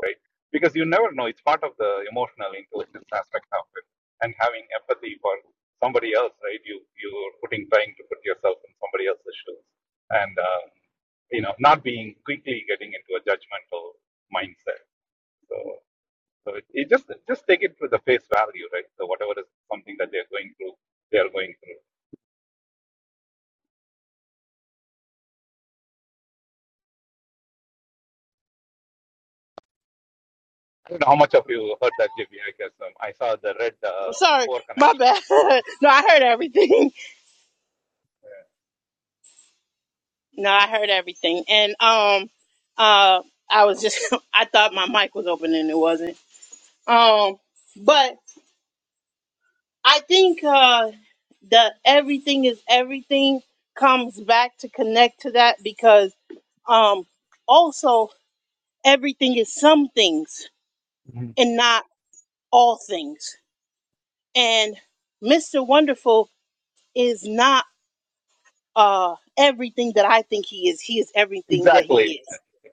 Speaker 7: right? Because you never know. It's part of the emotional intelligence aspect of it, and having empathy for somebody else, right? You you're putting trying to put yourself in somebody else's shoes, and um, you know, not being quickly getting into a judgmental mindset. So so it, it just just take it with the face value, right? So whatever is something that they're going through, they are going through. I don't know how much of you heard that, J B I I guess um, I saw the red
Speaker 1: I'm
Speaker 7: uh,
Speaker 1: sorry
Speaker 7: four
Speaker 1: my
Speaker 7: connection.
Speaker 1: bad [laughs] no i heard everything No, I heard everything. And um uh I was just [laughs] I thought my mic was open and it wasn't. Um but I think uh the everything is everything comes back to connect to that because um also everything is some things
Speaker 7: Mhm.
Speaker 1: and not all things. And Mr. Wonderful is not uh everything that I think he is. He is everything that
Speaker 7: Exactly.
Speaker 1: he is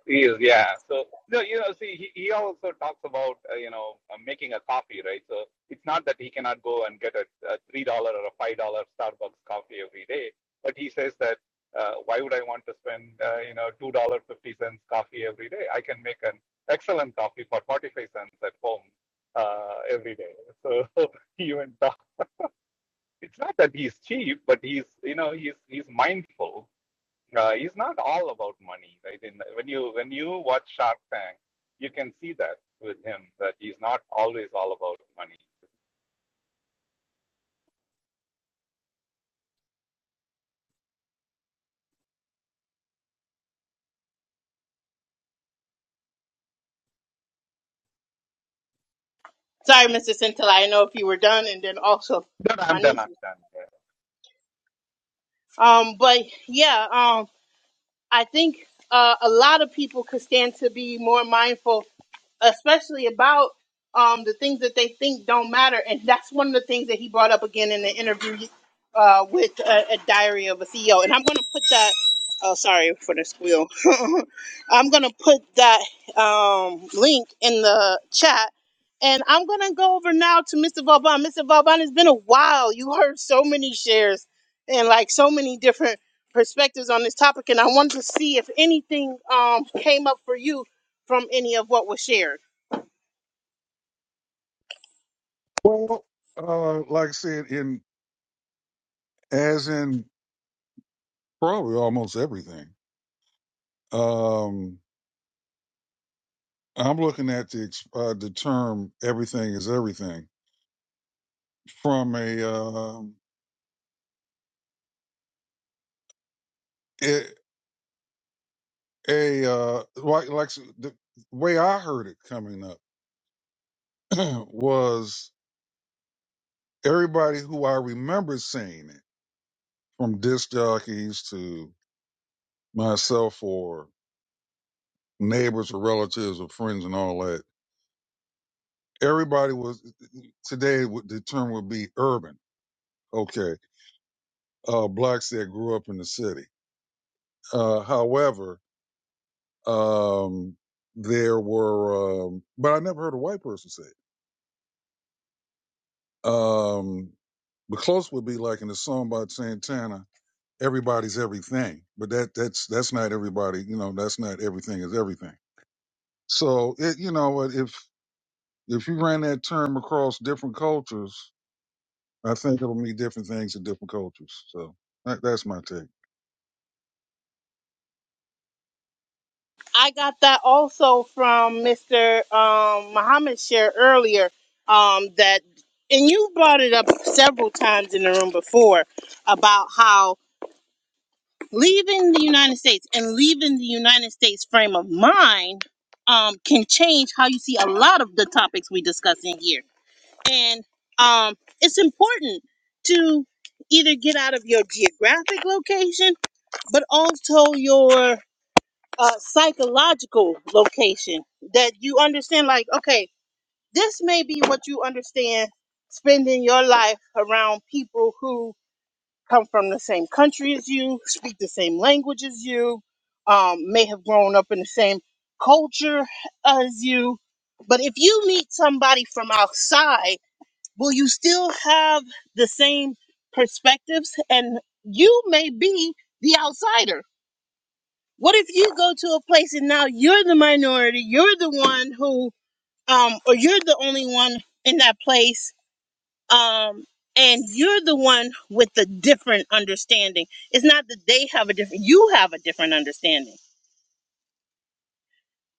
Speaker 7: He is, yeah. So no, you know, see, he, he also talks about uh, you know uh, making a coffee, right? So it's not that he cannot go and get a, a three dollar or a five dollar Starbucks coffee every day, but he says that uh, why would I want to spend uh, you know two dollar fifty cents coffee every day? I can make an excellent coffee for forty five cents at home uh, every day. So [laughs] he even talks. [laughs] It's not that he's cheap, but he's you know he's he's mindful uh, is not all about money, right? In, when you when you watch Shark Tank, you can see that with him that he's not always all about money.
Speaker 1: Sorry, Mr. Centilla, I know if you were done and then also
Speaker 7: But
Speaker 1: my
Speaker 7: I'm done.
Speaker 1: niece.
Speaker 7: I'm done.
Speaker 1: Um, but yeah, um, I think uh, a lot of people could stand to be more mindful, especially about um, the things that they think don't matter. And that's one of the things that he brought up again in the interview uh, with uh, a diary of a CEO. And I'm going to put that. Oh, sorry for the squeal. [laughs] I'm going to put that um, link in the chat. And I'm going to go over now to Mr. Vauban. Mr. Vauban, it's been a while. You heard so many shares and like so many different perspectives on this topic, and I wanted to see if anything um, came up for you from any of what was shared.
Speaker 5: Well, uh, like I said, in as in probably almost everything. Um, I'm looking at the uh, the term "everything is everything." from a um a, a uh like like the way I heard it coming up [clears throat] was everybody who I remember seeing it from disc jockeys to myself or neighbors or relatives or friends and all that. Everybody was today would- the term would be urban. Okay, uh, blacks that grew up in the city. Uh, however, um, there were, um, but I never heard a white person say it. Um, But close would be like in the song by Santana, everybody's everything. But that that's that's not everybody, you know, that's not everything is everything. So it you know what if if you ran that term across different cultures, I think it'll mean different things in different cultures. So that, that's my take.
Speaker 1: I got that also from Mr. Um, Muhammad share earlier um, that, and you brought it up several times in the room before about how leaving the United States and leaving the United States frame of mind um, can change how you see a lot of the topics we discuss in here and um, it's important to either get out of your geographic location but also your uh, psychological location that you understand like okay this may be what you understand spending your life around people who come from the same country as you speak the same language as you um, may have grown up in the same culture as you but if you meet somebody from outside will you still have the same perspectives? And you may be the outsider. What if you go to a place and now you're the minority? You're the one who, um, or you're the only one in that place, um, and you're the one with the different understanding. It's not that they have a different, you have a different understanding.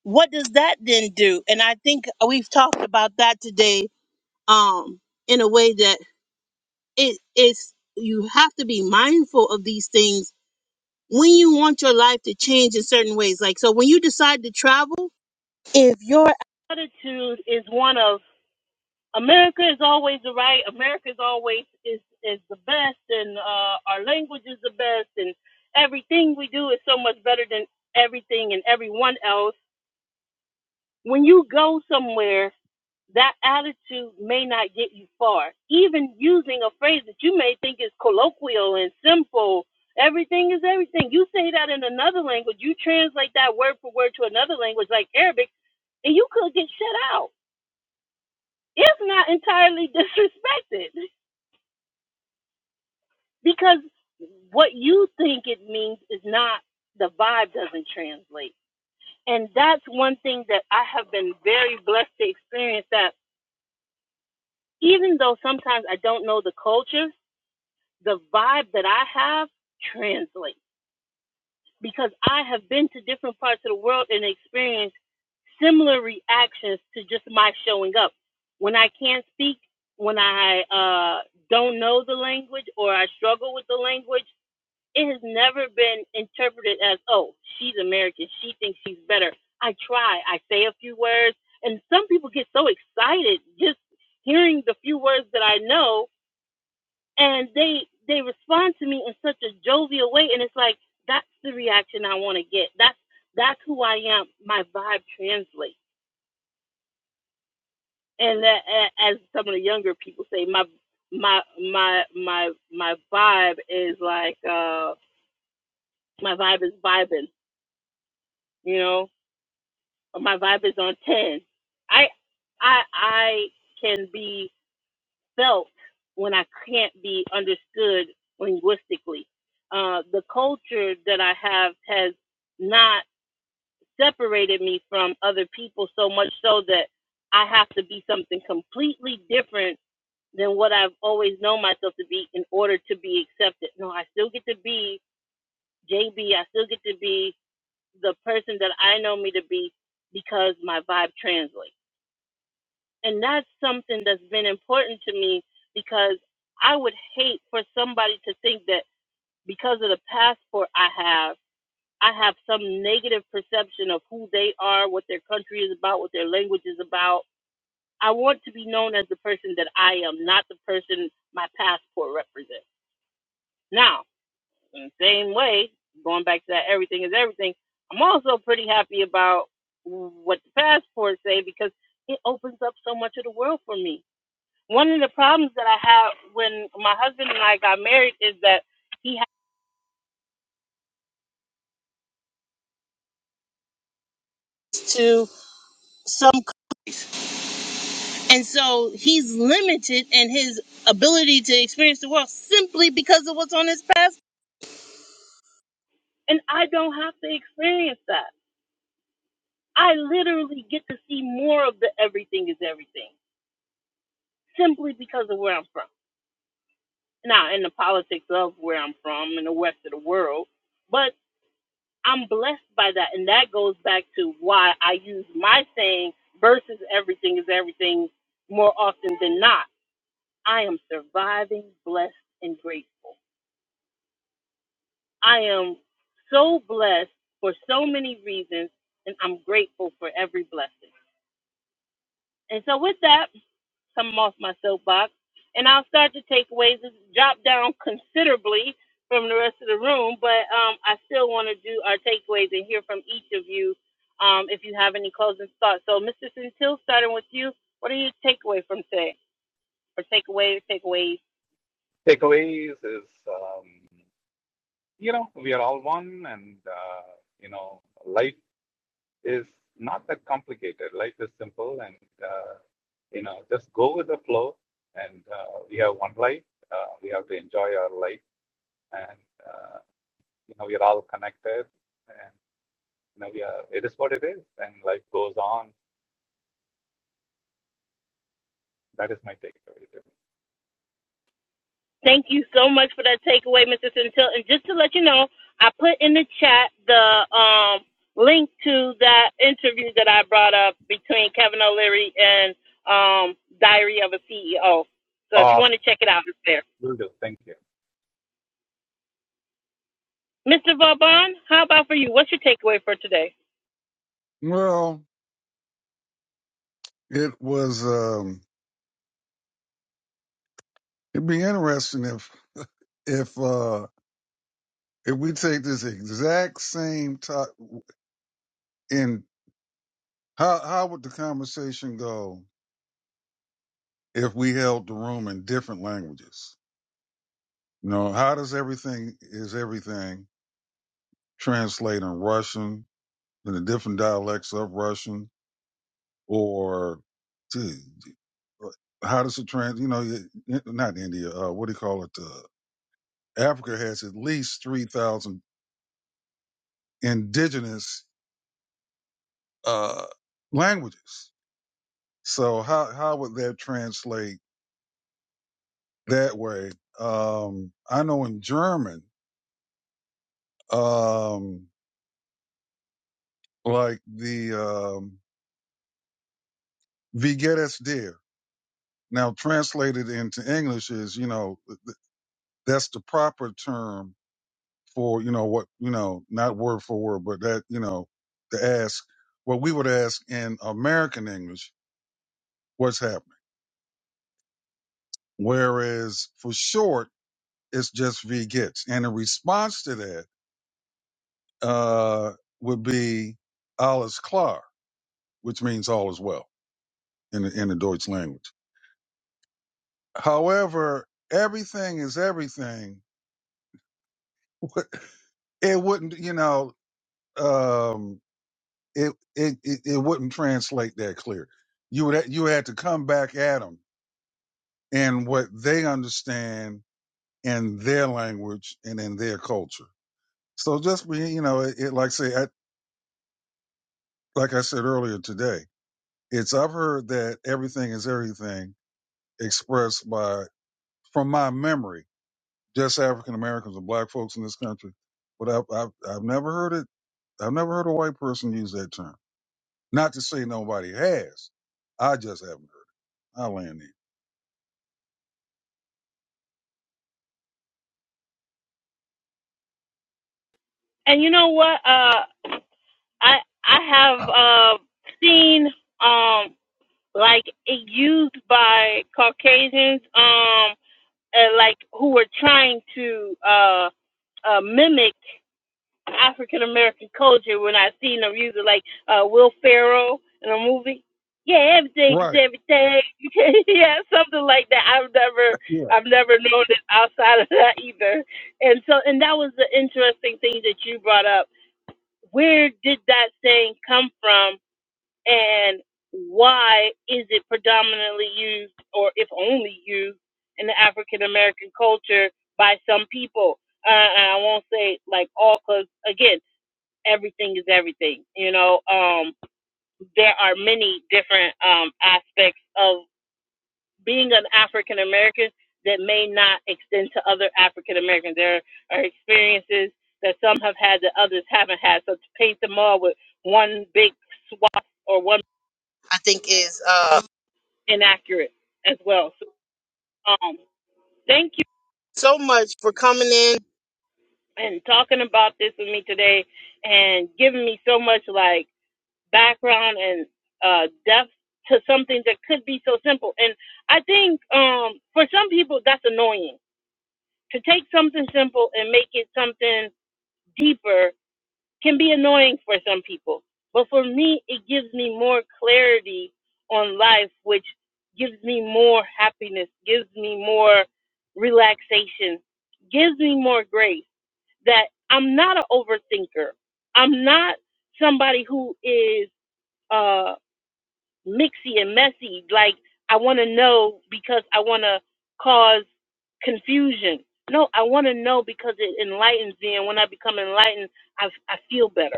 Speaker 1: What does that then do? And I think we've talked about that today um, in a way that it is you have to be mindful of these things when you want your life to change in certain ways like so when you decide to travel if your attitude is one of america is always the right america is always is is the best and uh our language is the best and everything we do is so much better than everything and everyone else when you go somewhere that attitude may not get you far. Even using a phrase that you may think is colloquial and simple, everything is everything. You say that in another language, you translate that word for word to another language like Arabic, and you could get shut out. It's not entirely [laughs] disrespected, because what you think it means is not the vibe doesn't translate. And that's one thing that I have been very blessed to experience that even though sometimes I don't know the culture, the vibe that I have translates because I have been to different parts of the world and experienced similar reactions to just my showing up. When I can't speak, when I uh, don't know the language or I struggle with the language, it has never been interpreted as, oh, she's American. She thinks she's better. I try. I say a few words. And some people get so excited just hearing the few words that I know and they they respond to me in such a jovial way and it's like that's the reaction i want to get that's that's who i am my vibe translates and that, as some of the younger people say my my my my my vibe is like uh my vibe is vibing you know or my vibe is on 10 i i i can be felt when I can't be understood linguistically. Uh, the culture that I have has not separated me from other people so much so that I have to be something completely different than what I've always known myself to be in order to be accepted. No, I still get to be JB. I still get to be the person that I know me to be because my vibe translates. And that's something that's been important to me because I would hate for somebody to think that because of the passport I have, I have some negative perception of who they are, what their country is about, what their language is about. I want to be known as the person that I am, not the person my passport represents. Now, in the same way, going back to that everything is everything, I'm also pretty happy about what the passports say because it opens up so much of the world for me one of the problems that I had when my husband and I got married is that he has to some and so he's limited in his ability to experience the world simply because of what's on his past and I don't have to experience that. I literally get to see more of the everything is everything simply because of where I'm from. Now in the politics of where I'm from in the west of the world, but. I'm blessed by that. And that goes back to why I use my saying versus everything is everything more often than not. I am surviving, blessed, and grateful. I am so blessed for so many reasons, and I'm grateful for every blessing. And so, with that, come off my soapbox, and I'll start to takeaways and drop down considerably from the rest of the room. But um, I still want to do our takeaways and hear from each of you um, if you have any closing thoughts. So, Mr. Centil, starting with you, what are your takeaway from today or takeaways?
Speaker 7: Yeah. Takeaways is um, you know we are all one, and uh, you know life is not that complicated. Life is simple, and uh, you know just go with the flow. And uh, we have one life. Uh, we have to enjoy our life, and uh, you know we are all connected. And you know, we are, it is what it is and life goes on. That is my takeaway.
Speaker 1: Thank you so much for that takeaway, Mr. Centil. And just to let you know, I put in the chat the um, link to that interview that I brought up between Kevin O'Leary and um, Diary of a CEO. So if you
Speaker 7: Awesome.
Speaker 1: want to check it out, it's there.
Speaker 7: Will do. Thank you.
Speaker 1: Mr. Vauban, how about for you? What's your takeaway for today?
Speaker 5: Well, it was um it'd be interesting if if uh if we take this exact same top in how how would the conversation go if we held the room in different languages? You know, how does everything is everything translate in Russian in the different dialects of Russian or to how does it trans? You know, you- not India. Uh, what do you call it? Uh, Africa has at least three thousand indigenous uh, languages. So how how would that translate that way? Um, I know in German, um, like the um, "Wie geht es dir?" Now, translated into English is, you know, that's the proper term for, you know, what, you know, not word for word, but that, you know, to ask what we would ask in American English, what's happening? Whereas for short, it's just V gets. And in response to that, uh, would be alles klar, which means all is well in the, in the Deutsch language. However, everything is everything. [laughs] It wouldn't, you know, um, it it it, it wouldn't translate that clear. You would you had to come back at them in what they understand in their language and in their culture. So just be you know it, it like say I, like I said earlier today, it's I've heard that everything is everything expressed by from my memory just African Americans and Black folks in this country, but I've, I've I've never heard it. I've never heard a white person use that term. Not to say nobody has. I just haven't heard it. I land
Speaker 1: And you know what? Uh, I I have
Speaker 5: there.
Speaker 1: uh, seen um, like it used by Caucasians um, uh, like who were trying to. Uh, uh, mimic African American culture when I seen them use it like uh, Will Ferrell in a movie. Yeah, everything is
Speaker 5: Right.
Speaker 1: everything. [laughs] yeah, something like that. I've never,
Speaker 5: Yeah.
Speaker 1: I've never known it outside of that either. And so, and that was the interesting thing that you brought up. Where did that saying come from? and why is it predominantly used or if only used in the African American culture by some people? Uh, and I won't say like all because again, everything is everything. You know, um, there are many different um, aspects of being an African American that may not extend to other African Americans. There are experiences that some have had that others haven't had. So to paint them all with one big swath or one I think is uh, inaccurate as well. So, um, thank you so much for coming in and talking about this with me today and giving me so much like background and uh, depth to something that could be so simple. And I think um, for some people that's annoying to take something simple and make it something deeper can be annoying for some people. But for me, it gives me more clarity on life, which gives me more happiness, gives me more relaxation, gives me more grace that I'm not an overthinker. I'm not somebody who is uh, mixy and messy. Like, I want to know because I want to cause confusion. No, I want to know because it enlightens me. And when I become enlightened, I, I feel better.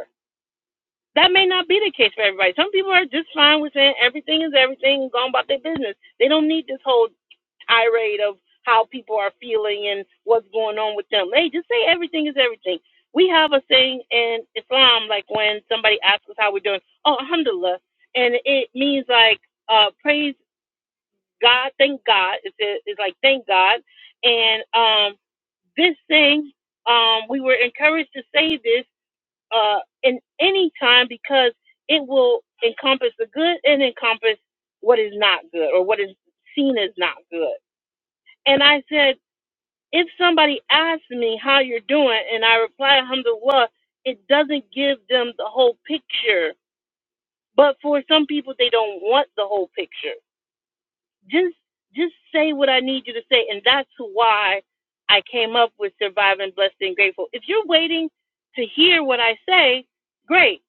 Speaker 1: That may not be the case for everybody. Some people are just fine with saying everything is everything and going about their business. They don't need this whole tirade of how people are feeling and what's going on with them. They just say everything is everything. We have a saying in Islam, like when somebody asks us how we're doing, oh, alhamdulillah. And it means like, uh, praise God, thank God. It's, it's like, thank God. And um, this thing, um, we were encouraged to say this uh, in any time because it will encompass the good and encompass what is not good or what is seen as not good. And I said, if somebody asks me how you're doing and I reply, alhamdulillah, it doesn't give them the whole picture. But for some people, they don't want the whole picture. Just just say what I need you to say. And that's why I came up with surviving, blessed, and grateful. If you're waiting to hear what I say, great.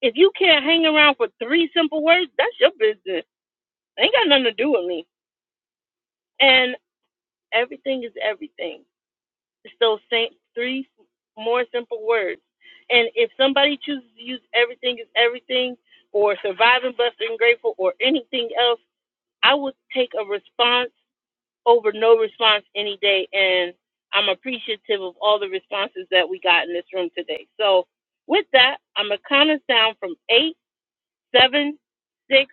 Speaker 1: if you can't hang around for three simple words, that's your business. It Ain't got nothing to do with me. And everything is everything. It's those same three more simple words. And if somebody chooses to use everything is everything or surviving blessed and grateful or anything else, I would take a response over no response any day. And I'm appreciative of all the responses that we got in this room today. So with that, I'm gonna count us down from eight, seven, six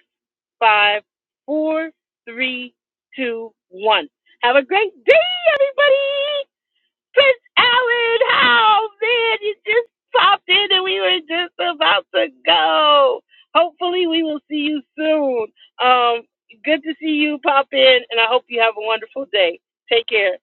Speaker 1: five, four, three, two, one. Have a great day, everybody. Prince Allen, how oh, man, you just popped in and we were just about to go. Hopefully, we will see you soon. Um, good to see you pop in, and I hope you have a wonderful day. Take care.